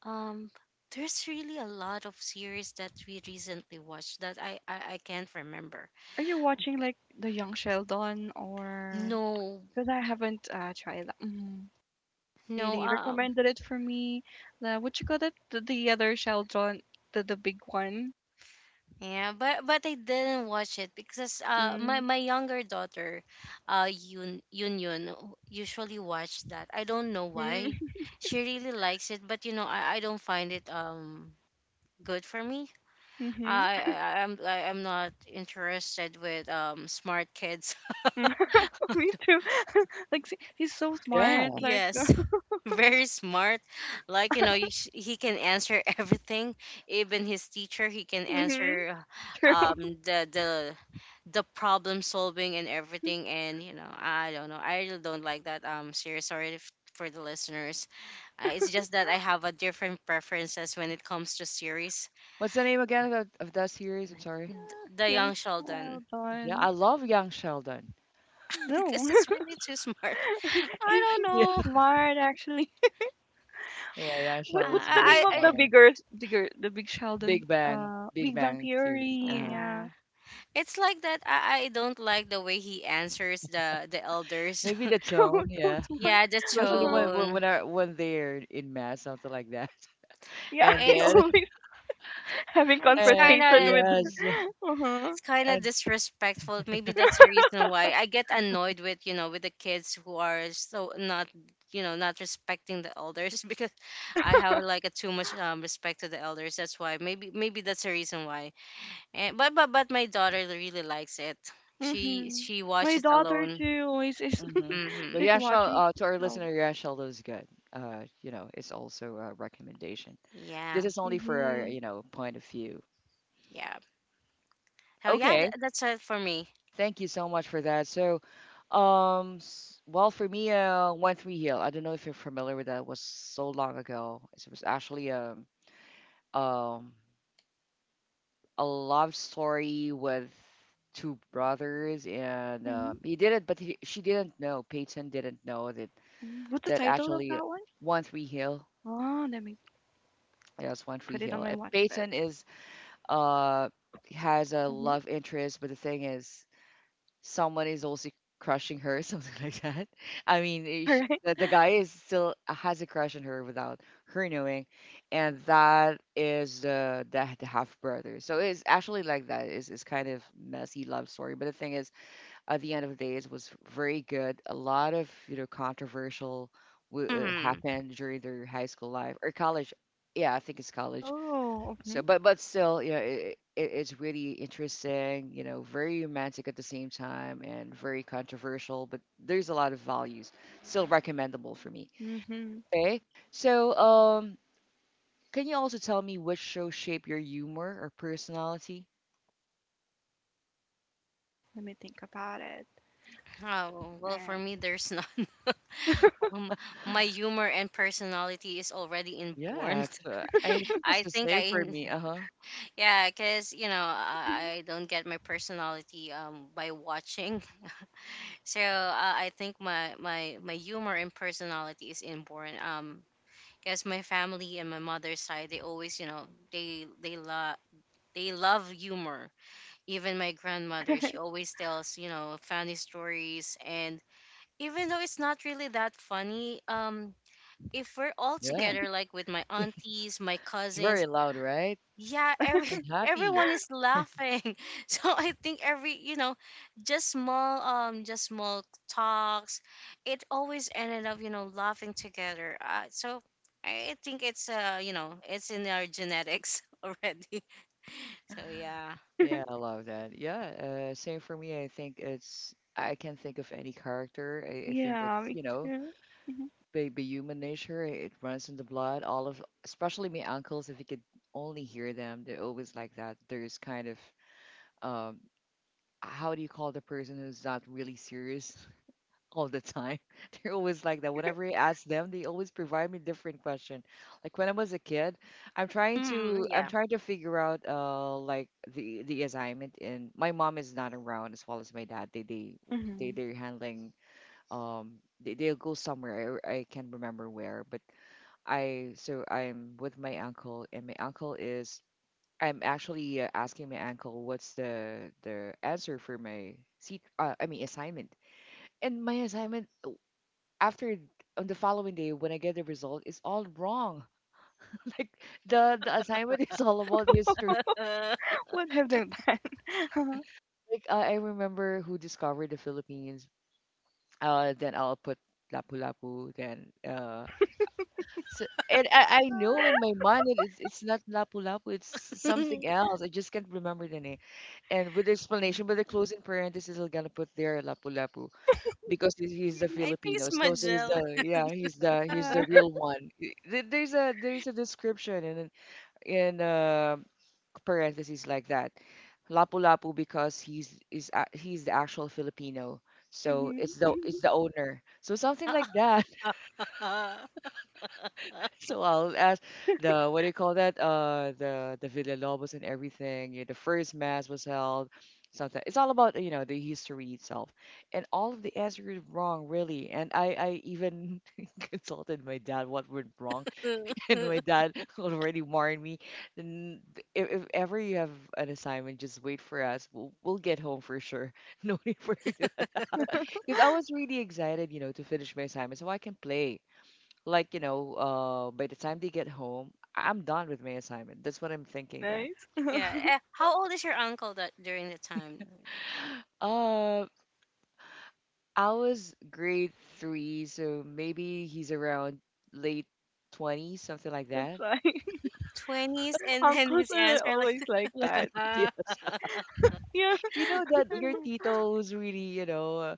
[SPEAKER 3] Um, there's really a lot of series that we recently watched that I I, I can't remember.
[SPEAKER 2] Are you watching like the Young Sheldon or
[SPEAKER 3] No,
[SPEAKER 2] because I haven't uh, tried that. Mhm. They
[SPEAKER 3] no.
[SPEAKER 2] they
[SPEAKER 3] Um,
[SPEAKER 2] recommended it for me. The what you call it? The, the other Sheldon, the the big one.
[SPEAKER 3] yeah, but but I didn't watch it because uh my
[SPEAKER 2] Mm.
[SPEAKER 3] my younger daughter, uh Yun Yunyun usually watch that. I don't know why.
[SPEAKER 2] Mm.
[SPEAKER 3] She really likes it, but you know I I don't find it um good for me.
[SPEAKER 2] Mm-hmm.
[SPEAKER 3] I, I I'm I, I'm not interested with um smart kids.
[SPEAKER 2] Me too. Like see, he's so smart.
[SPEAKER 1] Yeah.
[SPEAKER 2] Like
[SPEAKER 3] Yes, very smart. Like, you know, you sh- he can answer everything. Even his teacher, he can
[SPEAKER 2] mm-hmm.
[SPEAKER 3] answer um the the the problem solving and everything. And you know, I don't know. I really don't like that. Um, series. Sorry if, for the listeners. Uh, it's just that I have a different preferences when it comes to series.
[SPEAKER 1] What's the name again of that, of that series? I'm sorry.
[SPEAKER 3] The
[SPEAKER 2] Young
[SPEAKER 3] Young Sheldon,
[SPEAKER 1] Yeah,
[SPEAKER 2] Sheldon.
[SPEAKER 1] I love Young Sheldon.
[SPEAKER 2] No,
[SPEAKER 3] because it's really too smart.
[SPEAKER 2] he's
[SPEAKER 3] I
[SPEAKER 2] he's
[SPEAKER 3] don't
[SPEAKER 1] Yeah.
[SPEAKER 2] so
[SPEAKER 3] know.
[SPEAKER 2] smart actually.
[SPEAKER 1] Yeah, Young
[SPEAKER 2] What
[SPEAKER 1] Sheldon is
[SPEAKER 2] what's the
[SPEAKER 1] very
[SPEAKER 2] name
[SPEAKER 3] I
[SPEAKER 2] of
[SPEAKER 1] smart.
[SPEAKER 2] the
[SPEAKER 3] I,
[SPEAKER 2] bigger bigger the big Sheldon,
[SPEAKER 1] Big Bang.
[SPEAKER 2] uh,
[SPEAKER 1] Big
[SPEAKER 2] Big Bang
[SPEAKER 1] Bang Theory.
[SPEAKER 3] I
[SPEAKER 2] Theory,
[SPEAKER 1] Uh-huh.
[SPEAKER 2] yeah.
[SPEAKER 3] yeah. It's like that. I, I don't like the way he answers the the elders.
[SPEAKER 1] Maybe the
[SPEAKER 2] So
[SPEAKER 1] tone.
[SPEAKER 2] so
[SPEAKER 1] Yeah.
[SPEAKER 2] smart.
[SPEAKER 3] Yeah, the
[SPEAKER 1] Especially
[SPEAKER 2] Uh-huh.
[SPEAKER 1] when when when,
[SPEAKER 3] tone.
[SPEAKER 1] I, when they're in mass, something like that.
[SPEAKER 2] Yeah,
[SPEAKER 1] And
[SPEAKER 2] I
[SPEAKER 3] It's
[SPEAKER 1] then,
[SPEAKER 2] always having
[SPEAKER 3] it's
[SPEAKER 1] uh,
[SPEAKER 3] kind
[SPEAKER 2] confrontation
[SPEAKER 3] of
[SPEAKER 2] with
[SPEAKER 1] yes,
[SPEAKER 2] uh-huh.
[SPEAKER 3] it's kind of
[SPEAKER 1] and
[SPEAKER 3] disrespectful. Maybe that's the reason why I get annoyed with you know with the kids who are so not you know not respecting the elders because I have like a too much um, respect to the elders. That's why maybe maybe that's the reason why. And, but but but my daughter really likes it. She
[SPEAKER 2] Mm-hmm.
[SPEAKER 3] she
[SPEAKER 2] My
[SPEAKER 3] watches
[SPEAKER 2] daughter
[SPEAKER 3] alone.
[SPEAKER 2] too always is
[SPEAKER 1] mhm. But
[SPEAKER 3] Mhm.
[SPEAKER 2] she's
[SPEAKER 1] Yashal,
[SPEAKER 2] watching
[SPEAKER 1] uh, to our
[SPEAKER 2] Sheldon.
[SPEAKER 1] listener, Yashal is good. Uh, you know, it's also a recommendation. This
[SPEAKER 3] Yeah.
[SPEAKER 1] is only for our,
[SPEAKER 2] Mm-hmm.
[SPEAKER 1] you know, point of view.
[SPEAKER 3] Yeah. So yeah, tha
[SPEAKER 1] Okay,
[SPEAKER 3] that's it for me.
[SPEAKER 1] thank you so much for that. So, um, s- well, for me, uh, One Three Hill. I don't know if you're familiar with that. It was so long ago. It was actually um um a love story with two brothers, and
[SPEAKER 2] Mm-hmm.
[SPEAKER 1] um, he didn't, but he, she didn't know. Peyton didn't know that
[SPEAKER 2] Mm-hmm. What's the
[SPEAKER 1] that
[SPEAKER 2] title of
[SPEAKER 1] actually
[SPEAKER 2] that one?
[SPEAKER 1] One Tree Hill.
[SPEAKER 2] Oh, let me
[SPEAKER 1] Yes, One Tree
[SPEAKER 2] put it on
[SPEAKER 1] Hill.
[SPEAKER 2] my
[SPEAKER 1] Uh,
[SPEAKER 2] watch list.
[SPEAKER 1] Peyton is uh has a
[SPEAKER 2] Mm-hmm.
[SPEAKER 1] love interest, but the thing is, someone is also crushing her, something like that. I mean, eh,
[SPEAKER 2] All
[SPEAKER 1] she,
[SPEAKER 2] right.
[SPEAKER 1] the, the guy is still has a crush on her without her knowing, and that is the the, the half brother. So it's actually like that. It's, it's kind of messy love story, but the thing is, at the end of the day, it was very good. A lot of you know controversial w- uh,
[SPEAKER 3] Hmm.
[SPEAKER 1] happened during their high school life or college. Yeah, I think it's college
[SPEAKER 2] Oh,
[SPEAKER 1] so, but but still, you know, it, it it's really interesting. You know, very romantic at the same time and very controversial. But there's a lot of values. Still recommendable for me.
[SPEAKER 2] mm-hmm. Hmm.
[SPEAKER 1] Okay. So, um, can you also tell me which show shape your humor or personality?
[SPEAKER 2] Let me think about it.
[SPEAKER 3] Oh, well, for
[SPEAKER 2] All
[SPEAKER 3] me, there's none. Um, My humor and personality is already
[SPEAKER 1] Yeah,
[SPEAKER 3] inborn.
[SPEAKER 1] it's, uh, I think it's
[SPEAKER 3] I
[SPEAKER 1] the
[SPEAKER 3] think
[SPEAKER 1] same for
[SPEAKER 3] I,
[SPEAKER 1] me. Uh huh.
[SPEAKER 3] yeah, because, you know,
[SPEAKER 2] right.
[SPEAKER 3] I, I don't get my personality um, by watching. So uh, I think my, my, my humor and personality is inborn. Um, because my family and my mother's side, they always, you know, they, they, lo- they love humor. Even my grandmother, she always tells you know funny stories, and even though it's not really that funny, um if we're all
[SPEAKER 1] Yeah,
[SPEAKER 3] together like with my aunties, my
[SPEAKER 1] it's
[SPEAKER 3] cousins,
[SPEAKER 1] very loud, right?
[SPEAKER 3] yeah, every
[SPEAKER 1] And happy.
[SPEAKER 3] everyone is laughing. So I think every you know just small um just small talks, it always ended up you know laughing together. Uh, so I think it's uh you know it's in our genetics already, so yeah.
[SPEAKER 1] Yeah, I love that. Yeah, uh, same for me. I think it's. I can't think of any character. I, I think
[SPEAKER 2] Yeah,
[SPEAKER 1] it's
[SPEAKER 2] me
[SPEAKER 1] you know
[SPEAKER 2] too. Mhm,
[SPEAKER 1] baby human nature. It runs in the blood. All of, especially my uncles, if you could only hear them, they're always like that. There's kind of, um, how do you call the person who's not really serious all the time? They're always like that. Whenever I ask them, they always provide me different question. Like when I was a kid, I'm trying
[SPEAKER 3] Mm,
[SPEAKER 1] to, I'm
[SPEAKER 3] yeah.
[SPEAKER 1] trying to figure out, uh, like the the assignment. And my mom is not around as well as my dad. They they they
[SPEAKER 2] mhm.
[SPEAKER 1] they're handling um they, they'll go somewhere I, I can't remember where but I so I'm with my uncle, and my uncle is I'm actually uh, asking my uncle what's the the answer for my seat. Uh, I mean assignment. And my assignment uh, after on the following day when I get the result is all wrong. Like the the assignment is all about history.
[SPEAKER 2] What have they done?
[SPEAKER 1] Like uh, I remember who discovered the Philippines. Uh, then I'll put Lapu-Lapu. Then uh, So, and I, I know in my mind that it's, it's not Lapu-Lapu, it's
[SPEAKER 3] I
[SPEAKER 1] something else. I just can't remember the name. And with the explanation, but the closing parenthesis, I'm gonna put there Lapu-Lapu because he's, he's the
[SPEAKER 3] think
[SPEAKER 1] Filipino.
[SPEAKER 3] it's
[SPEAKER 1] So, so he's
[SPEAKER 3] Majel.
[SPEAKER 1] the yeah, he's the he's
[SPEAKER 2] Yeah.
[SPEAKER 1] the real one. I- there- There's a there's a description in in uh, parentheses like that. Lapu-Lapu because he's is a- he's the actual Filipino. So it's
[SPEAKER 2] Hmm.
[SPEAKER 1] the it's the owner. So something like that.
[SPEAKER 3] Yeah.
[SPEAKER 1] So I'll ask the what do you call that? Uh, the the Villalobos and everything. You know, the first mass was held. Something. It's all about you know the history itself, and all of the answers were wrong really. And I I even consulted my dad what went wrong, and my dad already warned me. "N- If, if ever you have an assignment, just wait for us. We'll we'll get home for sure. No need for you to. Because I was really excited, you know, to finish my assignment so I can play like you know uh by the time they get home I- I'm done with my assignment. That's what I'm thinking then.
[SPEAKER 2] Nice.
[SPEAKER 3] eh, How old is your uncle that during the time?
[SPEAKER 1] uh I was grade three, so maybe he's around late twenties, something like
[SPEAKER 2] That's
[SPEAKER 1] that.
[SPEAKER 2] why,
[SPEAKER 3] Twenties, and then
[SPEAKER 2] uncles
[SPEAKER 3] his
[SPEAKER 2] are
[SPEAKER 3] answer like
[SPEAKER 2] always like
[SPEAKER 1] Like
[SPEAKER 2] that.
[SPEAKER 1] that,
[SPEAKER 3] that.
[SPEAKER 1] yes.
[SPEAKER 2] Yeah.
[SPEAKER 1] You know that your tito who's really you know uh,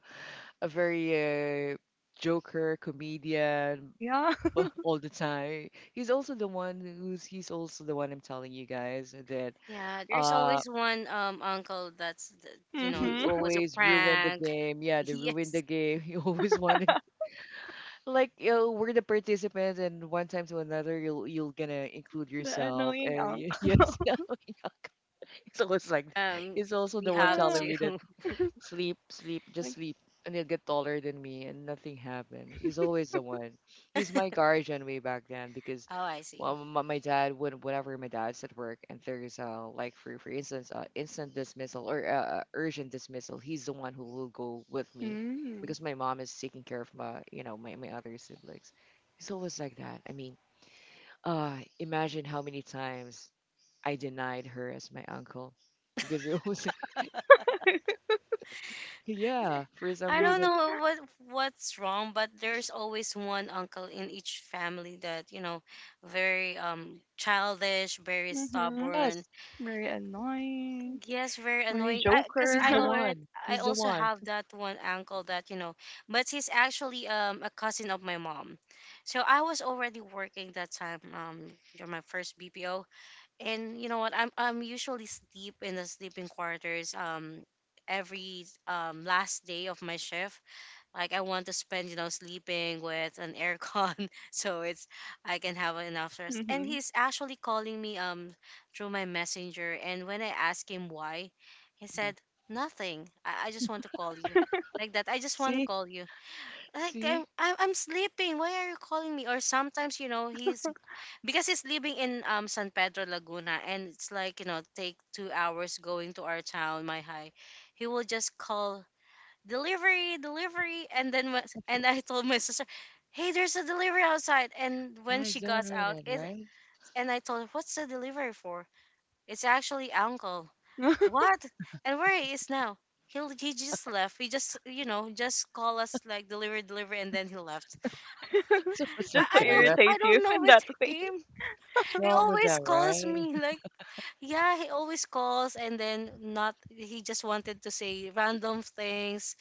[SPEAKER 1] a very uh, joker comedian
[SPEAKER 2] Yeah.
[SPEAKER 1] bu- all the time. He's also the one who's he's also the one I'm telling you guys that
[SPEAKER 3] Yeah. There's
[SPEAKER 1] uh
[SPEAKER 3] always one um uncle that's the- you know
[SPEAKER 1] he
[SPEAKER 2] Hmm.
[SPEAKER 3] was a
[SPEAKER 1] always ruined the
[SPEAKER 3] prank.
[SPEAKER 1] game. Yeah, they ruined the
[SPEAKER 3] Yes.
[SPEAKER 1] game. He always wanted like you know, we're the participants, and one time to another, you'll you'll gonna include
[SPEAKER 2] The
[SPEAKER 1] yourself.
[SPEAKER 2] annoying
[SPEAKER 1] And y-
[SPEAKER 2] uncle.
[SPEAKER 1] yes, no, it's always like
[SPEAKER 3] Um,
[SPEAKER 1] it's also
[SPEAKER 3] we
[SPEAKER 1] the one
[SPEAKER 3] have
[SPEAKER 2] Yeah.
[SPEAKER 1] telling me that
[SPEAKER 3] to.
[SPEAKER 1] sleep, sleep, just
[SPEAKER 2] Like,
[SPEAKER 1] sleep, and he'll get taller than me, and nothing happened. He's always the one. He's my guardian way back then because,
[SPEAKER 3] Oh, I
[SPEAKER 1] well,
[SPEAKER 3] see.
[SPEAKER 1] my, my dad would whenever my dad's at work and there's uh like for for instance uh instant dismissal or uh, uh, urgent dismissal, he's the one who will go with me
[SPEAKER 2] hmm.
[SPEAKER 1] because my mom is taking care of my you know my my other siblings. He's always like that. I mean, uh, imagine how many times I denied her as my uncle because it was yeah for some
[SPEAKER 3] I don't
[SPEAKER 1] reason.
[SPEAKER 3] know what what's wrong, but there's always one uncle in each family that you know, very um childish, very
[SPEAKER 2] Hmm.
[SPEAKER 3] stubborn.
[SPEAKER 1] Yes,
[SPEAKER 2] Very annoying.
[SPEAKER 3] Yes, very
[SPEAKER 2] Very
[SPEAKER 3] annoying. I because
[SPEAKER 2] joker.
[SPEAKER 1] he's
[SPEAKER 3] I
[SPEAKER 1] the
[SPEAKER 3] already
[SPEAKER 1] one.
[SPEAKER 3] I
[SPEAKER 1] He's the
[SPEAKER 3] also
[SPEAKER 1] one.
[SPEAKER 3] have that one uncle that you know, but he's actually um a cousin of my mom. So I was already working that time um during my first B P O, and you know what? I'm I'm usually sleep in the sleeping quarters um every um last day of my shift, like I want to spend, you know, sleeping with an aircon, so it's I can have enough rest. And
[SPEAKER 2] Hmm.
[SPEAKER 3] he's actually calling me um through my messenger. And when I asked him why, he
[SPEAKER 1] Mhm.
[SPEAKER 3] said nothing. I, I just want to call you, like that. I just want to
[SPEAKER 1] See?
[SPEAKER 3] call you. Like I'm,
[SPEAKER 1] See?
[SPEAKER 3] I'm I'm sleeping. Why are you calling me? Or sometimes you know he's because he's living in um San Pedro Laguna, and it's like you know take two hours going to our town, my high he will just call delivery, delivery. And then was- and I told my sister, hey, there's a delivery outside. And when
[SPEAKER 1] Yeah,
[SPEAKER 3] she
[SPEAKER 1] he's the one
[SPEAKER 3] got out,
[SPEAKER 1] rated,
[SPEAKER 3] it
[SPEAKER 1] right?
[SPEAKER 3] and I told her, what's the delivery for? It's actually uncle. What? And where he is now? He he just left. He just you know just call us like delivery, delivery, and then he left.
[SPEAKER 1] So it's like
[SPEAKER 3] I,
[SPEAKER 2] Just to
[SPEAKER 3] I don't
[SPEAKER 1] that. uh,
[SPEAKER 3] I
[SPEAKER 2] irritate you
[SPEAKER 3] don't know
[SPEAKER 2] in
[SPEAKER 3] with
[SPEAKER 2] that way.
[SPEAKER 3] him.
[SPEAKER 1] What's
[SPEAKER 3] He
[SPEAKER 1] wrong with
[SPEAKER 3] always
[SPEAKER 1] that,
[SPEAKER 3] calls
[SPEAKER 1] right?
[SPEAKER 3] me like yeah, he always calls and then not he just wanted to say random things,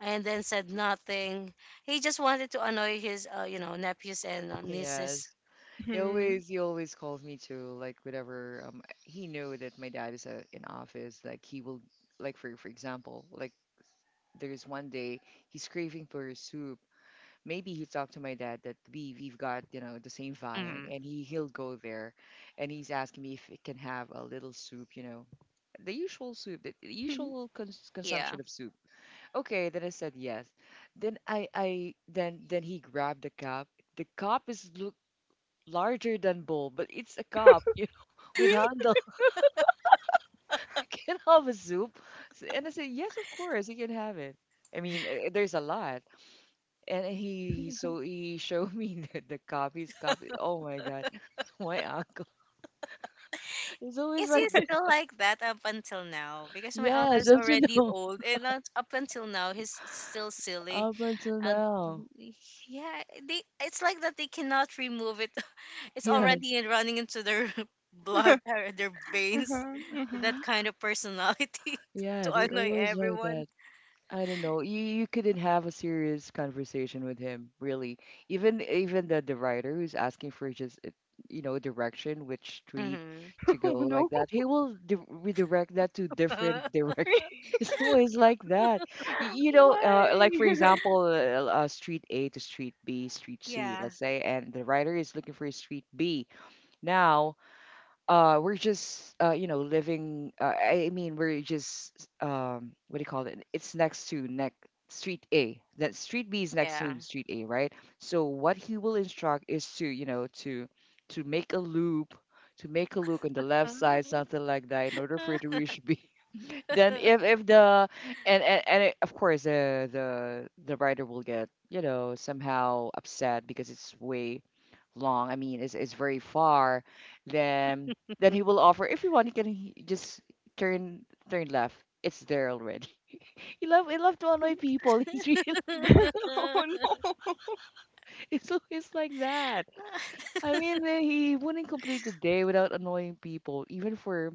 [SPEAKER 3] and then said nothing. He just wanted to annoy his, uh, you know, nephews and uh, nieces.
[SPEAKER 1] Yes. He
[SPEAKER 2] Hmm.
[SPEAKER 1] always he always calls me to like whatever um he knew that my dad is uh, in office. Like he will like for for example like there's one day he's craving for a soup. Maybe he talked to my dad that we we've got you know the same viand
[SPEAKER 3] Hmm
[SPEAKER 1] and he he'll go there and he's asking me if it can have a little soup, you know, the usual soup, the the usual cons-
[SPEAKER 3] Yeah.
[SPEAKER 1] consumption of soup. Okay, then I said yes. Then i i then then he grabbed the cup. The cup is look larger than bowl, but it's a cup you know, with
[SPEAKER 2] Uh-huh,
[SPEAKER 1] handle. You can have a soup. So- and I said yes, of course you can have it. I mean eh, there's a lot. And he so he showed me the, the copies, copy. Oh my God, my uncle. It's always
[SPEAKER 3] Is
[SPEAKER 1] like
[SPEAKER 3] he still
[SPEAKER 1] that.
[SPEAKER 3] like that up until now? Because my uncle
[SPEAKER 1] Yes,
[SPEAKER 3] is
[SPEAKER 1] up to
[SPEAKER 3] already
[SPEAKER 1] now,
[SPEAKER 3] old, and not up until now, he's still silly.
[SPEAKER 1] up until
[SPEAKER 3] And
[SPEAKER 1] now.
[SPEAKER 3] yeah, they it's like that they cannot remove it. It's already
[SPEAKER 1] Yes,
[SPEAKER 3] in- running into their blood or their veins. That
[SPEAKER 2] hmm.
[SPEAKER 3] kind of personality
[SPEAKER 1] yeah,
[SPEAKER 3] to
[SPEAKER 1] they're
[SPEAKER 3] annoy
[SPEAKER 1] always like
[SPEAKER 3] everyone.
[SPEAKER 1] that. I don't know. You you couldn't have a serious conversation with him, really. Even even the the writer who's asking for just uh, you know direction, which street
[SPEAKER 3] Hmm.
[SPEAKER 1] to
[SPEAKER 2] Oh
[SPEAKER 1] go, like
[SPEAKER 2] no.
[SPEAKER 1] that. He will di redirect that to different direction. It's always like that. Y- You know, uh,
[SPEAKER 2] Why?
[SPEAKER 1] like for example, uh, uh, street A to street B, street C,
[SPEAKER 3] Yeah.
[SPEAKER 1] let's say, and the writer is looking for street B. Now, uh we're just uh you know living uh, I mean, we're just um what do you call it, it's next to next street A, that street B is next
[SPEAKER 3] Yeah.
[SPEAKER 1] to street A, right? So what he will instruct is to you know to to make a loop, to make a loop on the left side, something like that, in order for it to reach B. Then if if the and and, and it, of course the the the writer will get you know somehow upset because it's way long. I mean, it's, it's very far. then then he will offer, if you want you can, he- just turn turn left. It's there already. He love he love to annoy people. He's really,
[SPEAKER 2] Oh no.
[SPEAKER 1] it's always like that. I mean, then he wouldn't complete the day without annoying people, even for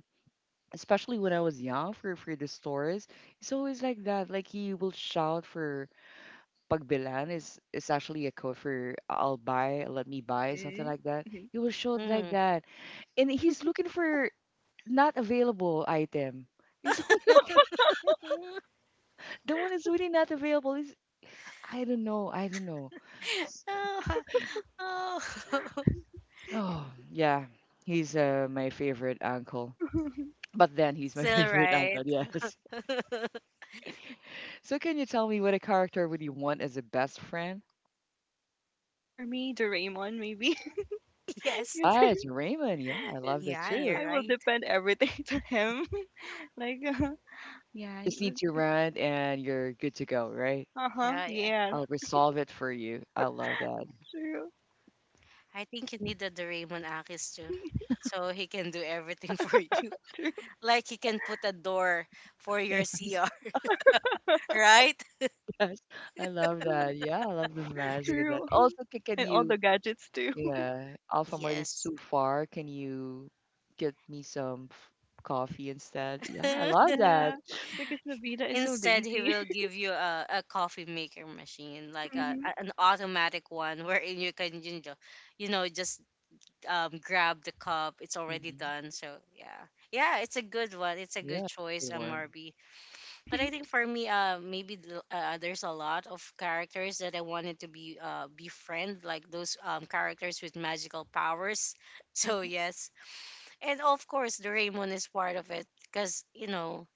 [SPEAKER 1] especially when I was young for for the stores. It's always like that. Like he will shout for pagbilan is is actually a code for I'll buy, let me buy, something
[SPEAKER 2] Mm.
[SPEAKER 1] like that. He was showed like
[SPEAKER 3] Mhm.
[SPEAKER 1] that, and he's looking for not available item. He's the one is really not available. Is I don't know, I don't know. S-
[SPEAKER 3] Oh, ha- oh.
[SPEAKER 1] Oh yeah, he's uh, my favorite uncle. But then he's my
[SPEAKER 3] Still
[SPEAKER 1] favorite
[SPEAKER 3] right.
[SPEAKER 1] uncle, yes. So can you tell me what a character would you want as a best friend?
[SPEAKER 2] For me, Doraemon, maybe.
[SPEAKER 3] Yes.
[SPEAKER 1] Ah, it's Raymond. Yeah, I love that
[SPEAKER 3] Yeah,
[SPEAKER 1] too.
[SPEAKER 3] you're
[SPEAKER 2] I will
[SPEAKER 3] right.
[SPEAKER 2] depend everything to him. Like, uh, yeah,
[SPEAKER 1] Just need to run and you're good to go, right?
[SPEAKER 2] uh huh,
[SPEAKER 3] Yeah, yeah.
[SPEAKER 2] yeah,
[SPEAKER 1] I'll resolve it for you. I love that.
[SPEAKER 3] Yeah.
[SPEAKER 2] true,
[SPEAKER 3] I think you need a Doraemon Akis too. So he can do everything for you.
[SPEAKER 2] true,
[SPEAKER 3] Like he can put a door for your C R, right?
[SPEAKER 1] Yes, I love that. Yeah, I love the magic of that.
[SPEAKER 2] true,
[SPEAKER 1] Also, c- can
[SPEAKER 2] and all
[SPEAKER 1] you,
[SPEAKER 2] the gadgets too.
[SPEAKER 1] yeah, Alpha Mart is
[SPEAKER 3] Yes.
[SPEAKER 1] too far. Can you get me some f- coffee instead? Yeah, I love that.
[SPEAKER 2] Yeah, because Nobita is so
[SPEAKER 3] Instead, he
[SPEAKER 2] lazy.
[SPEAKER 3] will give you a, a coffee maker machine, like a,
[SPEAKER 2] Mhm.
[SPEAKER 3] a- an automatic one, wherein you can, you know, you know, just um, grab the cup. It's already
[SPEAKER 1] Hmm
[SPEAKER 3] done. So yeah, yeah, it's a good one. It's a good
[SPEAKER 1] Yeah,
[SPEAKER 3] choice,
[SPEAKER 1] good
[SPEAKER 3] um,
[SPEAKER 1] one.
[SPEAKER 3] Marby. But I think for me, uh, maybe the, uh, there's a lot of characters that I wanted to be uh befriend, like those um characters with magical powers. So
[SPEAKER 2] Mhm.
[SPEAKER 3] yes, and of course, the Doraemon is part of it because you know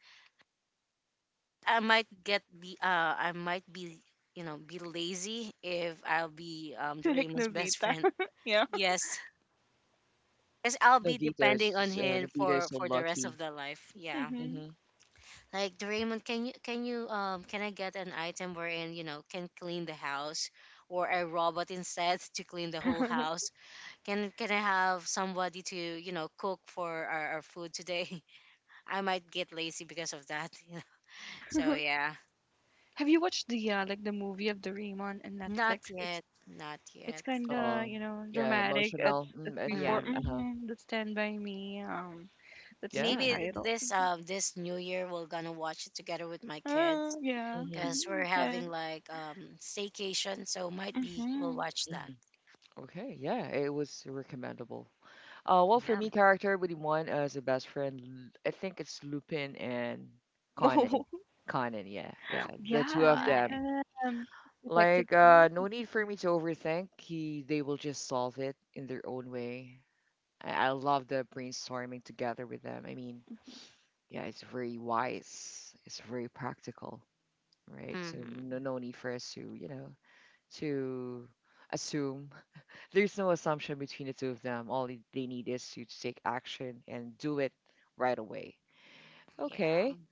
[SPEAKER 3] I might get the uh I might be you know be lazy if I'll be um
[SPEAKER 2] Like
[SPEAKER 3] Doraemon's best
[SPEAKER 2] Nobita.
[SPEAKER 3] friend.
[SPEAKER 2] Yeah.
[SPEAKER 3] Yes. Because I'll be
[SPEAKER 1] Novita is
[SPEAKER 3] depending on
[SPEAKER 1] just, uh,
[SPEAKER 3] him
[SPEAKER 1] Novita is
[SPEAKER 3] for
[SPEAKER 1] so
[SPEAKER 3] for the rest
[SPEAKER 1] lucky.
[SPEAKER 3] of the life. Yeah.
[SPEAKER 2] Hmm.
[SPEAKER 1] Mm-hmm.
[SPEAKER 3] Like Doraemon, can you can you um can I get an item wherein you know can clean the house, or a robot instead to clean the whole house? Can can I have somebody to you know cook for our, our food today? I might get lazy because of that. You know? So yeah,
[SPEAKER 2] Have you watched the uh, like the movie of Doraemon on Netflix?
[SPEAKER 3] not
[SPEAKER 2] It's
[SPEAKER 3] yet, not
[SPEAKER 2] It's
[SPEAKER 3] yet.
[SPEAKER 2] kind of,
[SPEAKER 1] Oh,
[SPEAKER 2] you know,
[SPEAKER 1] yeah,
[SPEAKER 2] dramatic.
[SPEAKER 1] emotional
[SPEAKER 2] It's,
[SPEAKER 1] mm,
[SPEAKER 2] it's
[SPEAKER 1] at the
[SPEAKER 2] before,
[SPEAKER 1] end.
[SPEAKER 3] Mm.
[SPEAKER 1] Uh-huh.
[SPEAKER 2] mm-hmm, that's Stand By Me. Um, that's the
[SPEAKER 1] Yeah.
[SPEAKER 3] Maybe th-
[SPEAKER 2] title.
[SPEAKER 3] this
[SPEAKER 2] Mm-hmm.
[SPEAKER 3] um this new year we're gonna watch it together with my kids,
[SPEAKER 2] Oh, yeah.
[SPEAKER 1] Mm-hmm.
[SPEAKER 3] because
[SPEAKER 2] Mhm,
[SPEAKER 3] we're
[SPEAKER 2] okay.
[SPEAKER 3] having like um staycation, so might be we'll
[SPEAKER 2] Mm-hmm.
[SPEAKER 3] watch
[SPEAKER 1] hmm
[SPEAKER 3] that.
[SPEAKER 1] Okay. Yeah, it was recommendable. Uh, well, for
[SPEAKER 3] Yeah.
[SPEAKER 1] me, character with one as a best friend, L- I think it's Lupin and Conan.
[SPEAKER 2] Oh,
[SPEAKER 1] Conan, yeah, yeah, the two
[SPEAKER 2] yeah, I
[SPEAKER 1] of
[SPEAKER 2] like
[SPEAKER 1] them.
[SPEAKER 3] Why?
[SPEAKER 2] um, Detective
[SPEAKER 1] Like, uh, no
[SPEAKER 2] Conan.
[SPEAKER 1] need for me to overthink. He, they will just solve it in their own way. I, I love the brainstorming together with them. I mean, yeah, it's very wise. It's very practical, right? So no,
[SPEAKER 3] Mm-hmm.
[SPEAKER 1] no need for us to, you know, to assume. There's no assumption between the two of them. All they they need is you to take action and do it right away. Okay.
[SPEAKER 3] Yeah.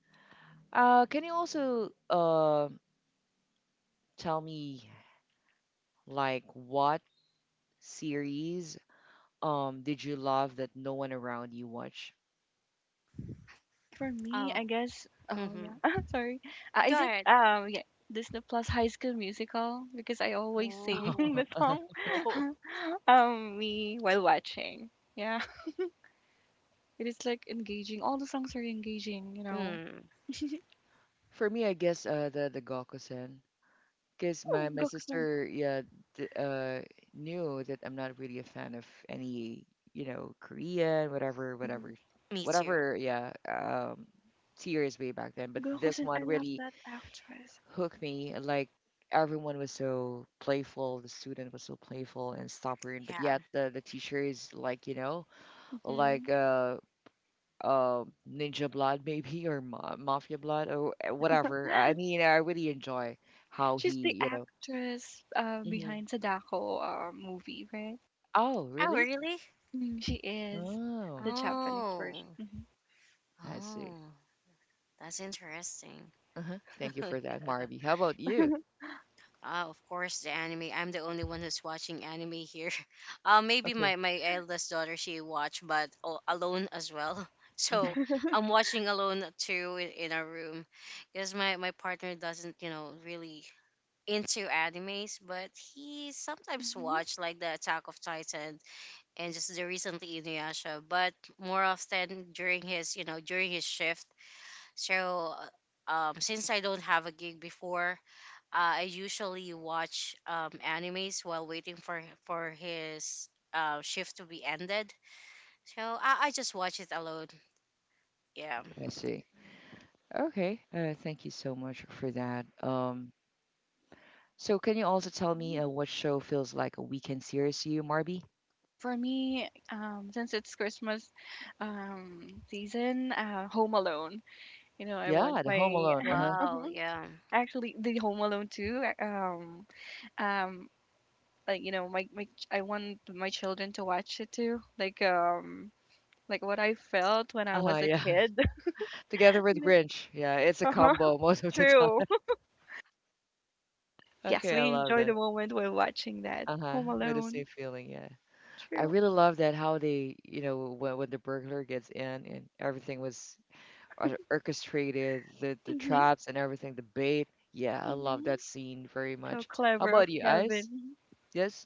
[SPEAKER 1] Uh, can you also uh, tell me like what series um did you love that no one around you watched?
[SPEAKER 2] Um, for me,
[SPEAKER 3] Oh.
[SPEAKER 2] I guess. Oh
[SPEAKER 3] Mm-hmm.
[SPEAKER 2] yeah, sorry. Uh,
[SPEAKER 3] Go
[SPEAKER 2] is it
[SPEAKER 3] ahead.
[SPEAKER 2] um yeah Disney Plus High School Musical because I always sing
[SPEAKER 3] Oh.
[SPEAKER 2] the song um me while watching. Yeah, it is like engaging. All the songs are engaging. You know,
[SPEAKER 3] Mm,
[SPEAKER 1] For me, I guess uh, the the Gokusen. Because my,
[SPEAKER 2] ooh,
[SPEAKER 1] my
[SPEAKER 2] go
[SPEAKER 1] sister, yeah, d uh, knew that I'm not really a fan of any, you know, Korean, whatever,
[SPEAKER 2] mhm.
[SPEAKER 1] whatever,
[SPEAKER 3] me too.
[SPEAKER 1] whatever, yeah, um, series way back then. But
[SPEAKER 2] Go
[SPEAKER 1] this
[SPEAKER 2] Joseon,
[SPEAKER 1] one
[SPEAKER 2] I love
[SPEAKER 1] really
[SPEAKER 2] that actress.
[SPEAKER 1] hooked me. Like everyone was so playful, the student was so playful and stubborn, but
[SPEAKER 3] Yeah.
[SPEAKER 1] yet the the teacher is like, you know,
[SPEAKER 2] Mhm.
[SPEAKER 1] like uh, uh, Ninja Blood maybe or Ma Mafia Blood or eh, whatever. I mean, I really enjoy how he,
[SPEAKER 2] She's the
[SPEAKER 1] you know.
[SPEAKER 2] actress uh,
[SPEAKER 1] Mm-hmm.
[SPEAKER 2] behind Sadako uh, movie, right?
[SPEAKER 1] Oh,
[SPEAKER 3] Oh,
[SPEAKER 1] really?
[SPEAKER 3] really?
[SPEAKER 2] Mm, she is
[SPEAKER 1] Oh,
[SPEAKER 2] the Japanese version.
[SPEAKER 3] Oh.
[SPEAKER 2] Mhm.
[SPEAKER 1] I see.
[SPEAKER 3] Oh. That's interesting.
[SPEAKER 1] Uh-huh. Thank you
[SPEAKER 3] Yeah.
[SPEAKER 1] for that, Marby. How about you?
[SPEAKER 3] Uh, of course, the anime. I'm the only one who's watching anime here. Uh, maybe
[SPEAKER 1] Okay.
[SPEAKER 3] my, my eldest daughter, she watch, but al- alone as well.
[SPEAKER 1] hmm
[SPEAKER 3] So I'm watching alone too in, in our room because my, my partner doesn't, you know, really into animes, but he sometimes
[SPEAKER 2] Mhm.
[SPEAKER 3] watch like the Attack of Titan, and just the recently Inuyasha, but more often during his, you know, during his shift. So uh, um, since I don't have a gig before, uh, I usually watch um, animes while waiting for for his uh, shift to be ended. So I, I just watch it alone. Yeah.
[SPEAKER 1] I see. Okay. Uh, thank you so much for that. Um, so can you also tell me
[SPEAKER 2] Mm.
[SPEAKER 1] uh, what show feels like a weekend series to you, Marby?
[SPEAKER 2] For me, um, since it's Christmas um, season, uh, Home Alone. You know, I want
[SPEAKER 1] Yeah, The Home
[SPEAKER 2] my
[SPEAKER 1] Alone. Uh-huh.
[SPEAKER 3] Wow.
[SPEAKER 2] mhm,
[SPEAKER 3] Yeah.
[SPEAKER 2] actually the Home Alone too. Um, um, like you know, my, my ch- I want my children to watch it too. Like um, like what I felt when I
[SPEAKER 1] Uh-huh,
[SPEAKER 2] was a
[SPEAKER 1] yeah.
[SPEAKER 2] kid.
[SPEAKER 1] Together
[SPEAKER 2] You
[SPEAKER 1] with
[SPEAKER 2] know?
[SPEAKER 1] Grinch. Yeah, it's a
[SPEAKER 2] Uh-huh.
[SPEAKER 1] combo most of the time.
[SPEAKER 2] True. Yes,
[SPEAKER 1] Okay, I
[SPEAKER 2] we
[SPEAKER 1] love
[SPEAKER 2] enjoy the
[SPEAKER 1] that.
[SPEAKER 2] moment while watching that.
[SPEAKER 1] Uh-huh.
[SPEAKER 2] Home
[SPEAKER 1] With the
[SPEAKER 2] Alone.
[SPEAKER 1] same feeling, yeah. I
[SPEAKER 2] True.
[SPEAKER 1] really love that how they, you know, when, when the burglar gets in and everything was or- orchestrated the the
[SPEAKER 2] Mhm.
[SPEAKER 1] traps and everything, the bait. Yeah, I love
[SPEAKER 2] Mhm.
[SPEAKER 1] that scene very
[SPEAKER 2] So
[SPEAKER 1] much. How
[SPEAKER 2] clever
[SPEAKER 1] about
[SPEAKER 2] of
[SPEAKER 1] you, Ice?
[SPEAKER 2] Kevin.
[SPEAKER 1] Yes.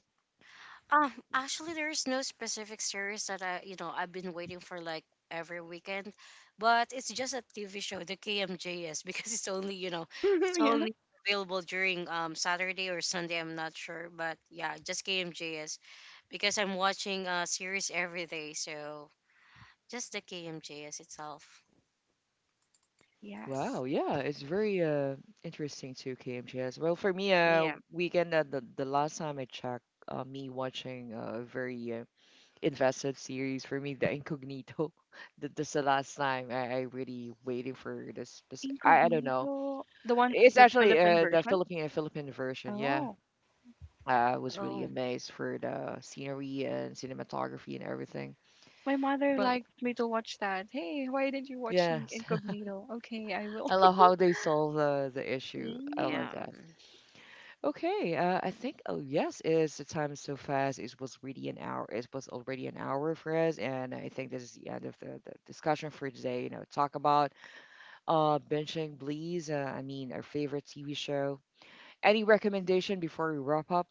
[SPEAKER 3] Um. Actually, there is no specific series that I you know I've been waiting for like every weekend, but it's just a T V show, the K M J S, because it's only you know it's
[SPEAKER 2] Yeah.
[SPEAKER 3] only available during um Saturday or Sunday. I'm not sure, but yeah, just K M J S because I'm watching a series every day. So just the K M J S itself.
[SPEAKER 2] Yes.
[SPEAKER 1] Wow. Yeah, it's very uh interesting too, K M Gs. Well, for me, uh,
[SPEAKER 3] Yeah.
[SPEAKER 1] weekend uh, the the last time I checked, uh, me watching a very uh, invested series for me, The Incognito. Th- That's the last time I, I really waiting for this. spec- I I don't know.
[SPEAKER 2] Incognito. The one
[SPEAKER 1] It's
[SPEAKER 2] the
[SPEAKER 1] actually
[SPEAKER 2] Philippine
[SPEAKER 1] uh, the
[SPEAKER 2] version?
[SPEAKER 1] Philippine Philippine version. Yeah,
[SPEAKER 2] Oh.
[SPEAKER 1] I was really
[SPEAKER 3] Oh,
[SPEAKER 1] amazed for the scenery and cinematography and everything.
[SPEAKER 2] My mother
[SPEAKER 1] But
[SPEAKER 2] liked me to watch that. Hey, why didn't you watch In-
[SPEAKER 1] yes,
[SPEAKER 2] Incognito? Okay, I will.
[SPEAKER 1] I love how they solve the the issue. I love
[SPEAKER 2] Mm.
[SPEAKER 3] yeah.
[SPEAKER 1] that. Okay, uh, I think oh yes, it's the time is so fast. It was really an hour. It was already an hour for us, and I think this is the end of the, the discussion for today. You know, talk about uh binging, please. Uh, I mean, our favorite T V show. Any recommendation before we wrap up,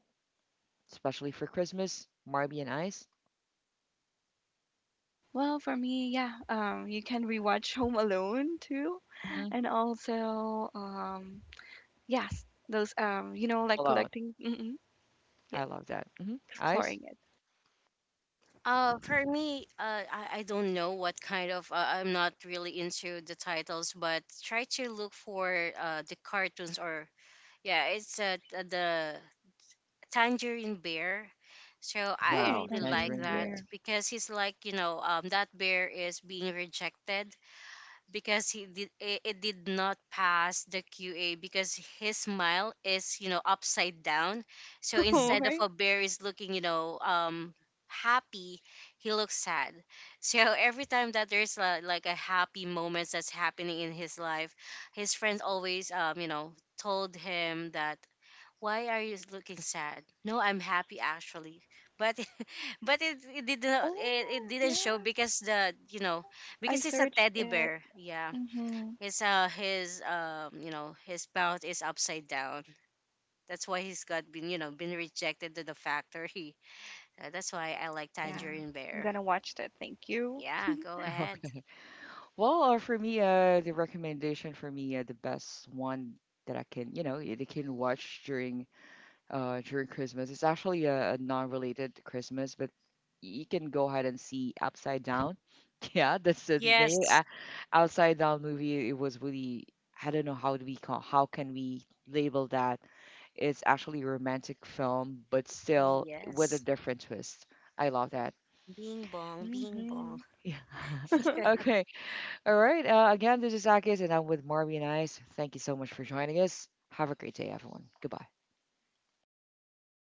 [SPEAKER 1] especially for Christmas? Marby and Ice.
[SPEAKER 2] Well, for me, yeah, um, you can rewatch Home Alone too,
[SPEAKER 1] Mhm.
[SPEAKER 2] and also um, yes, those um, you know, like
[SPEAKER 1] Alone.
[SPEAKER 2] collecting, mm-mm, yeah,
[SPEAKER 1] I love that. Hmm Ice.
[SPEAKER 2] exploring it.
[SPEAKER 3] Uh, for me, uh, I, I don't know what kind of. Uh, I'm not really into the titles, but try to look for uh, the cartoons or yeah, it's uh, t- the Tangerine Bear. So I I
[SPEAKER 2] Oh,
[SPEAKER 1] Wow,
[SPEAKER 3] really like
[SPEAKER 2] tangerine
[SPEAKER 1] Tangerine
[SPEAKER 3] that
[SPEAKER 1] Bear.
[SPEAKER 2] beer.
[SPEAKER 3] because he's like you know um, that bear is being rejected because he did it, it did not pass the Q A because his smile is you know upside down, so
[SPEAKER 2] Oh,
[SPEAKER 1] Mhm.
[SPEAKER 3] instead of
[SPEAKER 2] right?
[SPEAKER 3] a bear is looking you know um happy, he looks sad. So every time that there's a, like a happy moments that's happening in his life, his friends always um you know told him that why are you looking sad, no I'm happy actually, but but it, it didn't it, it
[SPEAKER 2] Oh,
[SPEAKER 3] didn't show
[SPEAKER 2] yeah.
[SPEAKER 3] because the you know
[SPEAKER 2] I
[SPEAKER 3] because it's a
[SPEAKER 2] searched
[SPEAKER 3] teddy
[SPEAKER 2] it.
[SPEAKER 3] bear. Yeah,
[SPEAKER 2] Mm-hmm.
[SPEAKER 3] his uh his um you know his bout is upside down, that's why he's got been you know been rejected to the factory. Uh, that's why I like
[SPEAKER 2] Yeah,
[SPEAKER 3] tangerine
[SPEAKER 2] I'm
[SPEAKER 3] bear.
[SPEAKER 2] gonna watch that. Thank you.
[SPEAKER 3] Yeah, go ahead.
[SPEAKER 1] Okay. Well, uh, for me, uh, the recommendation for me, uh, the best one that I can, you know, that I can watch during, uh, during Christmas. It's actually a, a non-related Christmas, but you can go ahead and see Upside Down. Yeah, that's the name.
[SPEAKER 3] Yes.
[SPEAKER 1] Uh, Upside Down movie. It was really, I don't know how do we call, how can we label that? It's actually a romantic film, but still with a
[SPEAKER 3] Yes,
[SPEAKER 1] different twist. I love that.
[SPEAKER 3] bing bong bing bong.
[SPEAKER 2] Mm-hmm.
[SPEAKER 1] Yeah. Okay. All right. Uh, again, this is Akis, and I'm with Marby and Ice. Thank you so much for joining us. Have a great day, everyone. Goodbye.